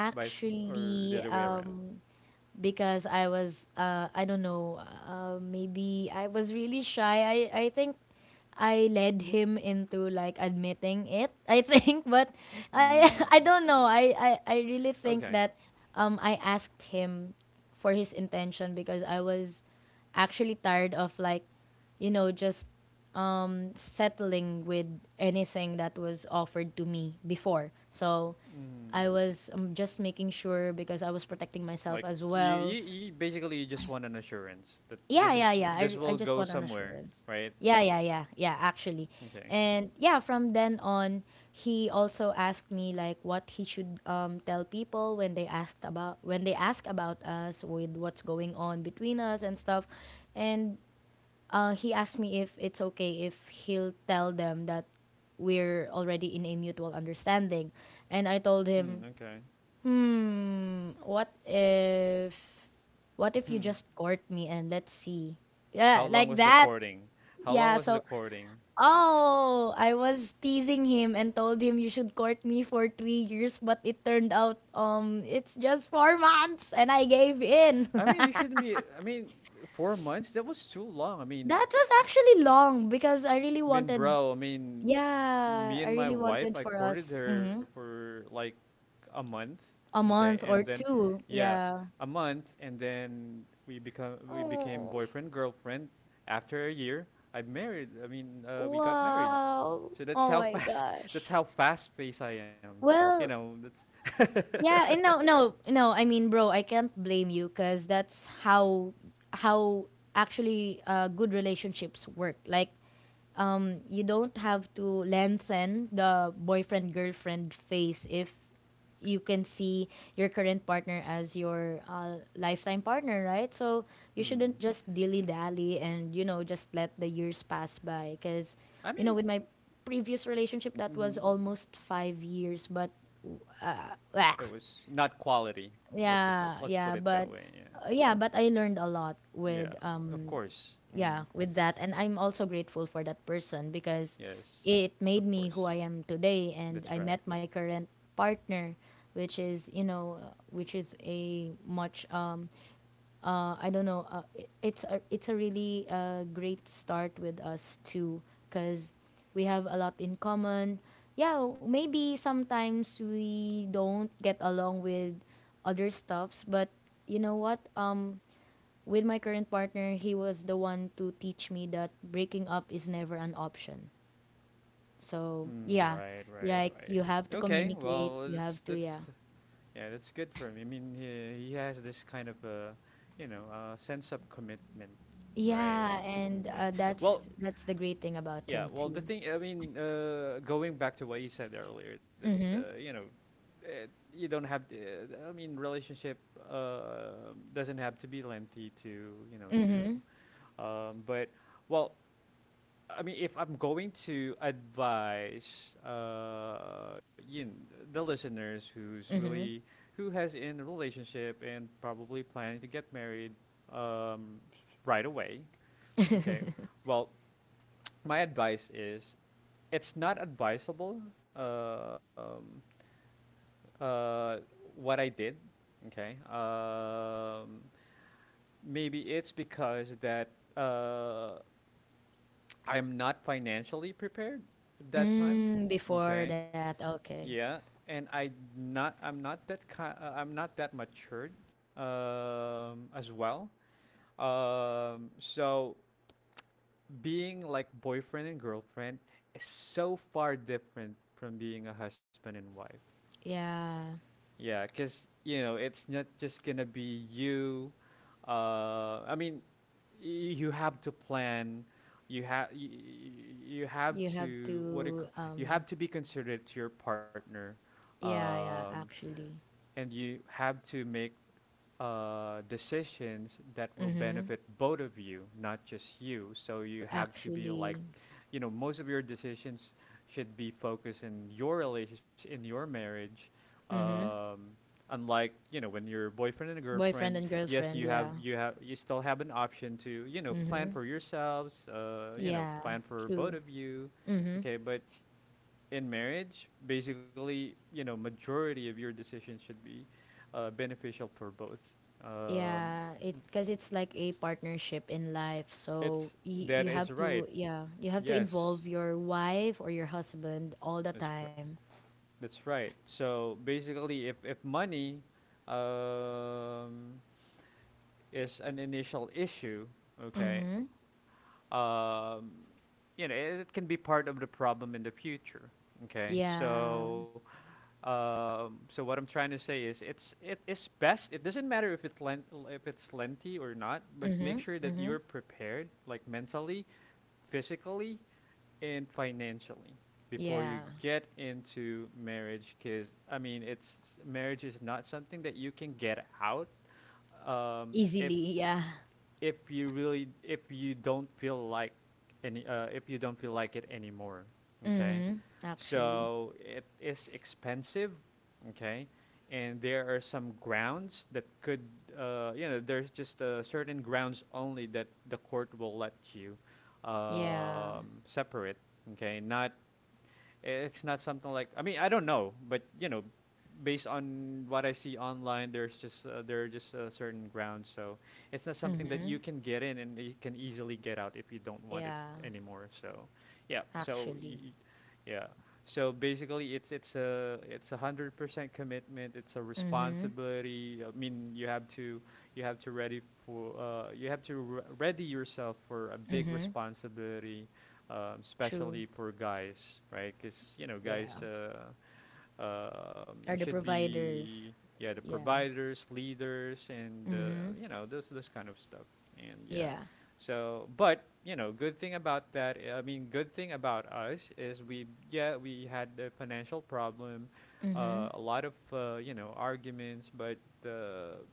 Speaker 1: vice, or the other way around?
Speaker 2: because I was, I don't know, maybe I was really shy. I think I led him into like admitting it, I think, <laughs> but
Speaker 1: Mm,
Speaker 2: <laughs> I don't know. I really
Speaker 1: okay.
Speaker 2: think that I asked him for his intention because I was actually tired of like, you know, just settling with anything that was offered to me before. So
Speaker 1: Mm.
Speaker 2: I was just making sure because I was protecting myself
Speaker 1: Like
Speaker 2: as
Speaker 1: you,
Speaker 2: well.
Speaker 1: you, you basically you just want an assurance that
Speaker 2: Yeah,
Speaker 1: this
Speaker 2: yeah,
Speaker 1: is
Speaker 2: yeah.
Speaker 1: this
Speaker 2: I
Speaker 1: will
Speaker 2: just
Speaker 1: go
Speaker 2: want an
Speaker 1: somewhere,
Speaker 2: assurance.
Speaker 1: right?
Speaker 2: Yeah, yeah, yeah, yeah, actually.
Speaker 1: Okay.
Speaker 2: And yeah, from then on, he also asked me like what he should tell people when they ask about us, with what's going on between us and stuff. And he asked me if it's okay if he'll tell them that we're already in a mutual understanding. And I told
Speaker 1: Hmm.
Speaker 2: him,
Speaker 1: Okay.
Speaker 2: hmm. What if? What if
Speaker 1: <laughs>
Speaker 2: you
Speaker 1: Hmm.
Speaker 2: just court me and let's see?
Speaker 1: How
Speaker 2: Yeah,
Speaker 1: long
Speaker 2: like
Speaker 1: was the
Speaker 2: that.
Speaker 1: courting? How long
Speaker 2: Yeah.
Speaker 1: was the
Speaker 2: So,
Speaker 1: courting?
Speaker 2: oh, I was teasing him and told him you should court me for 3 years, but it turned out it's just 4 months, and I gave in. <laughs>
Speaker 1: I mean, you shouldn't be. I mean, 4 months? That was too long. I mean,
Speaker 2: That was actually long because I really wanted.
Speaker 1: bro. I mean,
Speaker 2: Yeah,
Speaker 1: me
Speaker 2: I
Speaker 1: and my
Speaker 2: really
Speaker 1: wife,
Speaker 2: wanted
Speaker 1: I
Speaker 2: for
Speaker 1: courted
Speaker 2: us.
Speaker 1: her
Speaker 2: Mm-hmm.
Speaker 1: for like a month.
Speaker 2: A
Speaker 1: Okay,
Speaker 2: month
Speaker 1: and
Speaker 2: or
Speaker 1: then,
Speaker 2: two.
Speaker 1: yeah,
Speaker 2: Yeah.
Speaker 1: a month, and then we became
Speaker 2: Oh,
Speaker 1: boyfriend girlfriend. After a year, I married. I mean, we got married.
Speaker 2: wow.
Speaker 1: So that's
Speaker 2: Oh
Speaker 1: how
Speaker 2: my
Speaker 1: fast.
Speaker 2: god.
Speaker 1: <laughs> That's how fast paced I am. You
Speaker 2: Well,
Speaker 1: know. That's.
Speaker 2: yeah,
Speaker 1: <laughs>
Speaker 2: and no, no, no. I mean, bro, I can't blame you because that's how actually good relationships work. Like, you don't have to lengthen the boyfriend girlfriend phase if you can see your current partner as your lifetime partner, right? So you
Speaker 1: Hmm.
Speaker 2: shouldn't just dilly dally and, you know, just let the years pass by because,
Speaker 1: I
Speaker 2: you know,
Speaker 1: mean,
Speaker 2: with my previous relationship that was
Speaker 1: hmm
Speaker 2: almost 5 years, but
Speaker 1: it
Speaker 2: blah.
Speaker 1: was not quality. Let's just
Speaker 2: Yeah,
Speaker 1: let's put
Speaker 2: yeah,
Speaker 1: it that
Speaker 2: but
Speaker 1: way. Yeah,
Speaker 2: I learned a lot
Speaker 1: yeah.
Speaker 2: with
Speaker 1: Of course. Hmm.
Speaker 2: yeah, with that, and I'm also grateful for that person because
Speaker 1: Yes,
Speaker 2: it
Speaker 1: of
Speaker 2: made me who
Speaker 1: course.
Speaker 2: I am today, and
Speaker 1: That's
Speaker 2: I
Speaker 1: right.
Speaker 2: met my current partner, which is, you know, which is a much I don't know. It's a, it's a really great start with us too, because we have a lot in common. Yeah, maybe sometimes we don't get along with other stuffs, but you know what? With my current partner, he was the one to teach me that breaking up is never an option. So
Speaker 1: Mm,
Speaker 2: yeah,
Speaker 1: right, right,
Speaker 2: like
Speaker 1: right.
Speaker 2: you have to
Speaker 1: Okay. Well,
Speaker 2: communicate. You have to, yeah.
Speaker 1: that's good for him. I mean, he has this kind of you know, sense of commitment. Right.
Speaker 2: Yeah, and
Speaker 1: Okay. Well,
Speaker 2: That's the great thing about
Speaker 1: Yeah,
Speaker 2: him
Speaker 1: well, the
Speaker 2: too.
Speaker 1: thing, I mean, going back to what you said earlier, that you know, eh, you don't have to, I mean, relationship doesn't have to be lengthy to you know
Speaker 2: Mm-hmm.
Speaker 1: to. But well, I mean, if I'm going to advise, you know, the listeners
Speaker 2: Mm-hmm.
Speaker 1: who has in a relationship and probably planning to get married, um, right away. Okay, well, my advice is it's not advisable, um, uh, what I did. Okay. Maybe it's because that I'm not financially prepared that time.
Speaker 2: Mm, before
Speaker 1: Okay.
Speaker 2: that, okay.
Speaker 1: Yeah, and I'm not that matured, as well. So being like boyfriend and girlfriend is so far different from being a husband and wife.
Speaker 2: Yeah,
Speaker 1: Yeah, because you know it's not just gonna be you. I mean, y- you have to plan. You have you, have
Speaker 2: you have
Speaker 1: to what it, ca-
Speaker 2: to.
Speaker 1: you have to be considerate to your partner,
Speaker 2: Yeah, yeah.
Speaker 1: um,
Speaker 2: Actually,
Speaker 1: and you have to make decisions that will
Speaker 2: mm-hmm.
Speaker 1: benefit both of you, not just you. So you have to be like,
Speaker 2: Actually,
Speaker 1: you know, most of your decisions should be focused in your relationship, in your marriage.
Speaker 2: mm-hmm.
Speaker 1: Um, Unlike you know when your boyfriend and
Speaker 2: Boyfriend
Speaker 1: girlfriend,
Speaker 2: and
Speaker 1: yes,
Speaker 2: girlfriend. Yeah,
Speaker 1: you still have an option to you know plan
Speaker 2: mm-hmm.
Speaker 1: for yourselves, you know
Speaker 2: Yeah.
Speaker 1: plan for both
Speaker 2: True.
Speaker 1: of you,
Speaker 2: Mm-hmm.
Speaker 1: okay. But in marriage, basically, you know, majority of your decisions should be beneficial for both. Um,
Speaker 2: Yeah, it, because it's like a
Speaker 1: s-
Speaker 2: partnership in life. So
Speaker 1: it's That
Speaker 2: you
Speaker 1: is
Speaker 2: have
Speaker 1: right.
Speaker 2: to, yeah, you have to
Speaker 1: Yes,
Speaker 2: involve your wife or your husband all the
Speaker 1: that's right.
Speaker 2: time.
Speaker 1: That's right. So basically, if money, um, is an initial issue, okay,
Speaker 2: Mm-hmm.
Speaker 1: um, you know, it can be part of the problem in the future. Okay,
Speaker 2: Yeah.
Speaker 1: so. What I'm trying to say is, it is best. It doesn't matter if it's lengthy or not, but
Speaker 2: Mm-hmm.
Speaker 1: make sure that
Speaker 2: Mm-hmm.
Speaker 1: you're prepared, like mentally, physically, and financially, before
Speaker 2: Yeah.
Speaker 1: you get into marriage. Because I mean, it's marriage is not something that you can get out. Um, if
Speaker 2: Easily. <laughs> Yeah.
Speaker 1: if you really if you don't feel like any if you don't feel like it anymore, okay,
Speaker 2: Mm-hmm. Actually.
Speaker 1: so it is expensive, okay, and there are some grounds that could you know, there's just certain grounds only that the court will let you,
Speaker 2: Yeah.
Speaker 1: separate, okay. Not it's not something like, I mean, I don't know, but you know, based on what I see online, there are just certain grounds. So it's not something that
Speaker 2: Mm-hmm.
Speaker 1: you can get in and you can easily get out if you don't want it
Speaker 2: Yeah.
Speaker 1: anymore. So yeah,
Speaker 2: Actually.
Speaker 1: yeah. So basically, it's 100% commitment. It's a
Speaker 2: Mm-hmm.
Speaker 1: responsibility. I mean, you have to ready for you have to ready yourself for a big
Speaker 2: Mm-hmm.
Speaker 1: responsibility,
Speaker 2: True.
Speaker 1: especially for guys, right? Because you know,
Speaker 2: Yeah.
Speaker 1: guys
Speaker 2: Are the
Speaker 1: should
Speaker 2: providers.
Speaker 1: be, yeah, the
Speaker 2: Yeah.
Speaker 1: providers, leaders, and
Speaker 2: Mm-hmm.
Speaker 1: you know those kind of stuff. And
Speaker 2: Yeah.
Speaker 1: yeah, so but you know, good thing about us is we had the financial problem,
Speaker 2: Mm-hmm.
Speaker 1: a lot of you know arguments, but uh,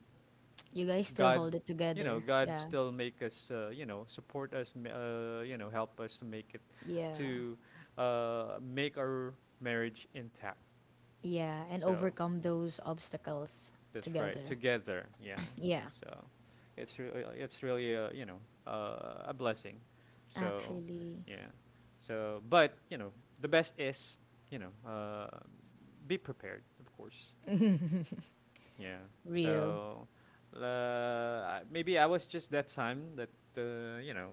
Speaker 2: You guys still
Speaker 1: God,
Speaker 2: hold it
Speaker 1: you know,
Speaker 2: together.
Speaker 1: God
Speaker 2: Yeah.
Speaker 1: still make us, you know, support us, you know, help us to make it,
Speaker 2: Yeah.
Speaker 1: to make our marriage intact.
Speaker 2: Yeah. And
Speaker 1: So
Speaker 2: overcome those obstacles
Speaker 1: that's right,
Speaker 2: together.
Speaker 1: together, yeah.
Speaker 2: Yeah.
Speaker 1: So it's really, you know, a blessing. So,
Speaker 2: Actually.
Speaker 1: yeah. So, but you know, the best is, you know, be prepared, of course. Yeah.
Speaker 2: Real.
Speaker 1: So maybe I was just that time that you know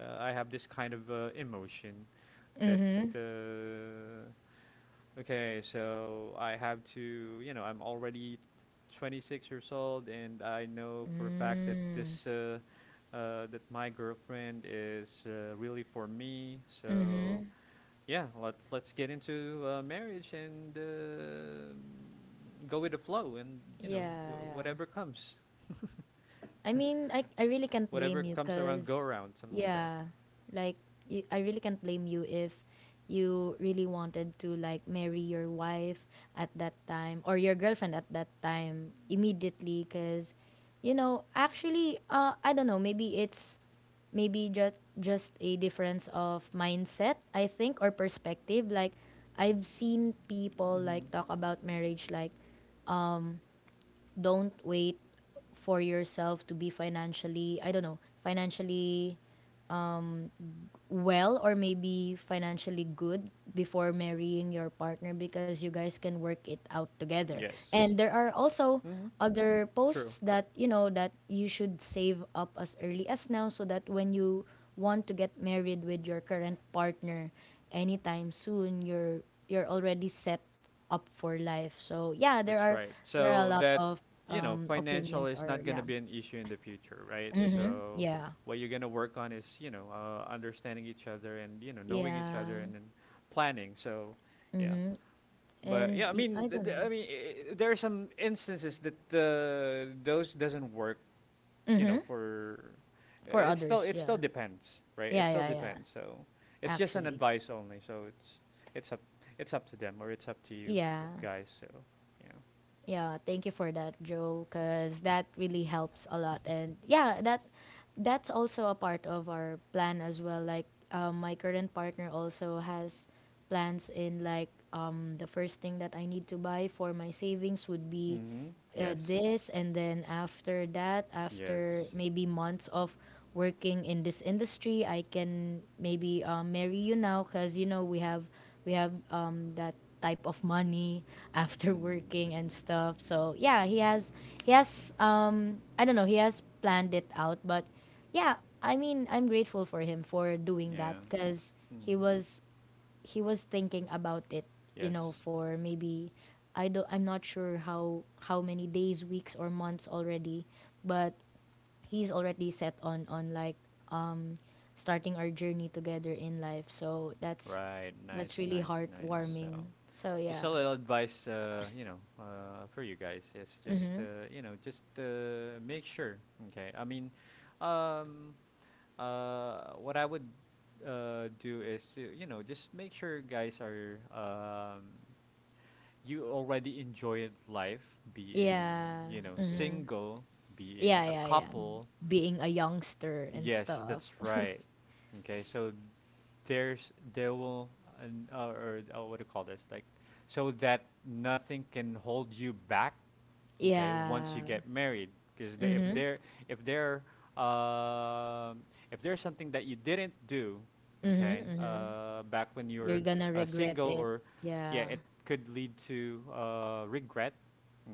Speaker 1: I have this kind of emotion that
Speaker 2: Mm-hmm.
Speaker 1: uh, okay, so I have to you know I'm already 26 years old, and I know for a fact that
Speaker 2: Mm-hmm.
Speaker 1: this that my girlfriend is really for me. So
Speaker 2: Mm-hmm.
Speaker 1: yeah, let's get into marriage and go with the flow, and you know
Speaker 2: Yeah. Yeah. I mean, I really can't blame
Speaker 1: whatever
Speaker 2: you
Speaker 1: comes around, go
Speaker 2: because,
Speaker 1: around, something like that.
Speaker 2: yeah, like, you, I really can't blame you if you really wanted to, like, marry your wife at that time or your girlfriend at that time immediately because, you know, actually, I don't know, maybe it's maybe just a difference of mindset, I think, or perspective. Like, I've seen people like
Speaker 1: Hmm.
Speaker 2: talk about marriage like, don't wait for yourself to be financially, I don't know, financially well or maybe financially good before marrying your partner because you guys can work it out together.
Speaker 1: Yes.
Speaker 2: And there are also
Speaker 1: Hmm.
Speaker 2: other
Speaker 1: True.
Speaker 2: posts that, you know, that you should save up as early as now so that when you want to get married with your current partner anytime soon, you're already set up for life. So yeah, there
Speaker 1: That's
Speaker 2: are
Speaker 1: right.
Speaker 2: a
Speaker 1: So
Speaker 2: lot
Speaker 1: that
Speaker 2: of
Speaker 1: you know, financial
Speaker 2: opinions,
Speaker 1: is
Speaker 2: or
Speaker 1: not
Speaker 2: yeah.
Speaker 1: gonna be an issue in the future, right?
Speaker 2: Mhm.
Speaker 1: So
Speaker 2: Yeah.
Speaker 1: what you're gonna work on is you know understanding each other and you know knowing each
Speaker 2: Yeah.
Speaker 1: other, and then planning. So yeah,
Speaker 2: Mhm.
Speaker 1: but yeah, I
Speaker 2: I
Speaker 1: mean,
Speaker 2: don't know.
Speaker 1: there are some instances that those doesn't work. You
Speaker 2: Mhm.
Speaker 1: know, for
Speaker 2: For
Speaker 1: it still
Speaker 2: others,
Speaker 1: it
Speaker 2: yeah.
Speaker 1: still depends, right?
Speaker 2: Yeah,
Speaker 1: It still
Speaker 2: yeah, yeah.
Speaker 1: depends. So it's just an
Speaker 2: Actually.
Speaker 1: advice only. So it's up it's up to them or it's up to you
Speaker 2: Yeah.
Speaker 1: guys. So yeah.
Speaker 2: Yeah, thank you for that, Joe, because that really helps a lot. And yeah, that's also a part of our plan as well. Like, my current partner also has plans in like the first thing that I need to buy for my savings would be
Speaker 1: Mm-hmm. Yes.
Speaker 2: this, and then after that, after
Speaker 1: Yes.
Speaker 2: maybe months of working in this industry, I can maybe marry you now, because, you know, we have that type of money <laughs> after
Speaker 1: Mm.
Speaker 2: working and stuff. So yeah, he has I don't know, he has planned it out, but yeah, I mean, I'm grateful for him for doing that
Speaker 1: Yeah.
Speaker 2: cuz
Speaker 1: Mm.
Speaker 2: he was thinking about it, you
Speaker 1: Yes.
Speaker 2: know, for maybe I don't, I'm not sure how many days, weeks or months already, but he's already set on like starting our journey together in life. So
Speaker 1: Right.
Speaker 2: that's
Speaker 1: Nice.
Speaker 2: really
Speaker 1: Nice. Nice. So
Speaker 2: heartwarming. So
Speaker 1: just a
Speaker 2: yeah.
Speaker 1: little advice, you know, for you guys. It's just, you know, just make sure. Okay. I mean, um, what I would do is, you know, just make sure guys are, you already enjoyed life being,
Speaker 2: Yeah.
Speaker 1: you know,
Speaker 2: Mhm.
Speaker 1: single, being
Speaker 2: Yeah,
Speaker 1: a
Speaker 2: yeah, yeah.
Speaker 1: couple.
Speaker 2: Being a youngster and
Speaker 1: Yes,
Speaker 2: stuff.
Speaker 1: that's
Speaker 2: <laughs>
Speaker 1: right. Okay, so there will an, or what do you call this? Like so that nothing can hold you back. Okay, once you
Speaker 2: Yeah.
Speaker 1: get married, because
Speaker 2: Mhm.
Speaker 1: if there um if there's something that you didn't do,
Speaker 2: Mhm.
Speaker 1: okay,
Speaker 2: Mhm.
Speaker 1: back when you
Speaker 2: You're
Speaker 1: were
Speaker 2: gonna regret
Speaker 1: single,
Speaker 2: it.
Speaker 1: or yeah,
Speaker 2: Yeah.
Speaker 1: it could lead to regret.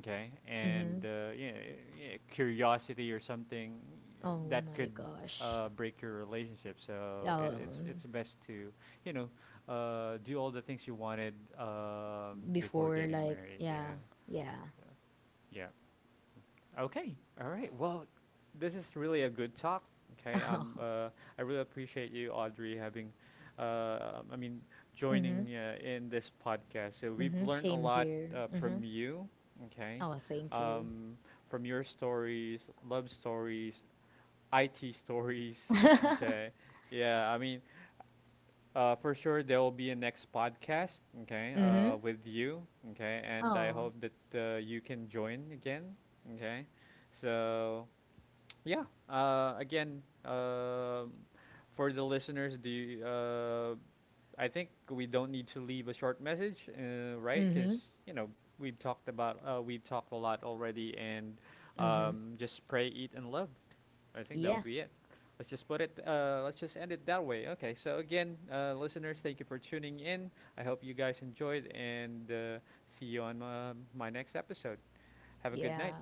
Speaker 1: Okay, and
Speaker 2: Mhm.
Speaker 1: yeah, yeah, curiosity or something
Speaker 2: Oh
Speaker 1: that
Speaker 2: my
Speaker 1: could
Speaker 2: gosh.
Speaker 1: break your relationship. So it, it's
Speaker 2: Um,
Speaker 1: it's best to you know do all the things you wanted, before
Speaker 2: Before
Speaker 1: getting
Speaker 2: like,
Speaker 1: married.
Speaker 2: yeah.
Speaker 1: Yeah,
Speaker 2: Yeah.
Speaker 1: yeah. Okay. All right. Well, this is really a good talk. Okay.
Speaker 2: <laughs> Oh.
Speaker 1: I really appreciate you, Audrey, I mean,
Speaker 2: Mhm.
Speaker 1: joining in this podcast. So we've
Speaker 2: Mhm.
Speaker 1: learned a
Speaker 2: Same
Speaker 1: lot
Speaker 2: here. Mhm.
Speaker 1: from you. Okay.
Speaker 2: Oh, thank you.
Speaker 1: Um, from your stories, love stories, IT stories. <laughs> Okay. Yeah. I mean, for sure, there will be a next podcast, okay,
Speaker 2: Mhm.
Speaker 1: with you, okay, and I
Speaker 2: Oh.
Speaker 1: hope that you can join again, okay. So yeah, again, for the listeners, I think we don't need to leave a short message, right?
Speaker 2: Mhm.
Speaker 1: Because you know we've talked a lot already, and
Speaker 2: Hmm.
Speaker 1: just pray, eat, and love. I think that
Speaker 2: Yeah.
Speaker 1: would be it. Let's just put it. Let's just end it that way. Okay. So again, listeners, thank you for tuning in. I hope you guys enjoyed, and see you on my next episode. Have a good
Speaker 2: Yeah.
Speaker 1: night.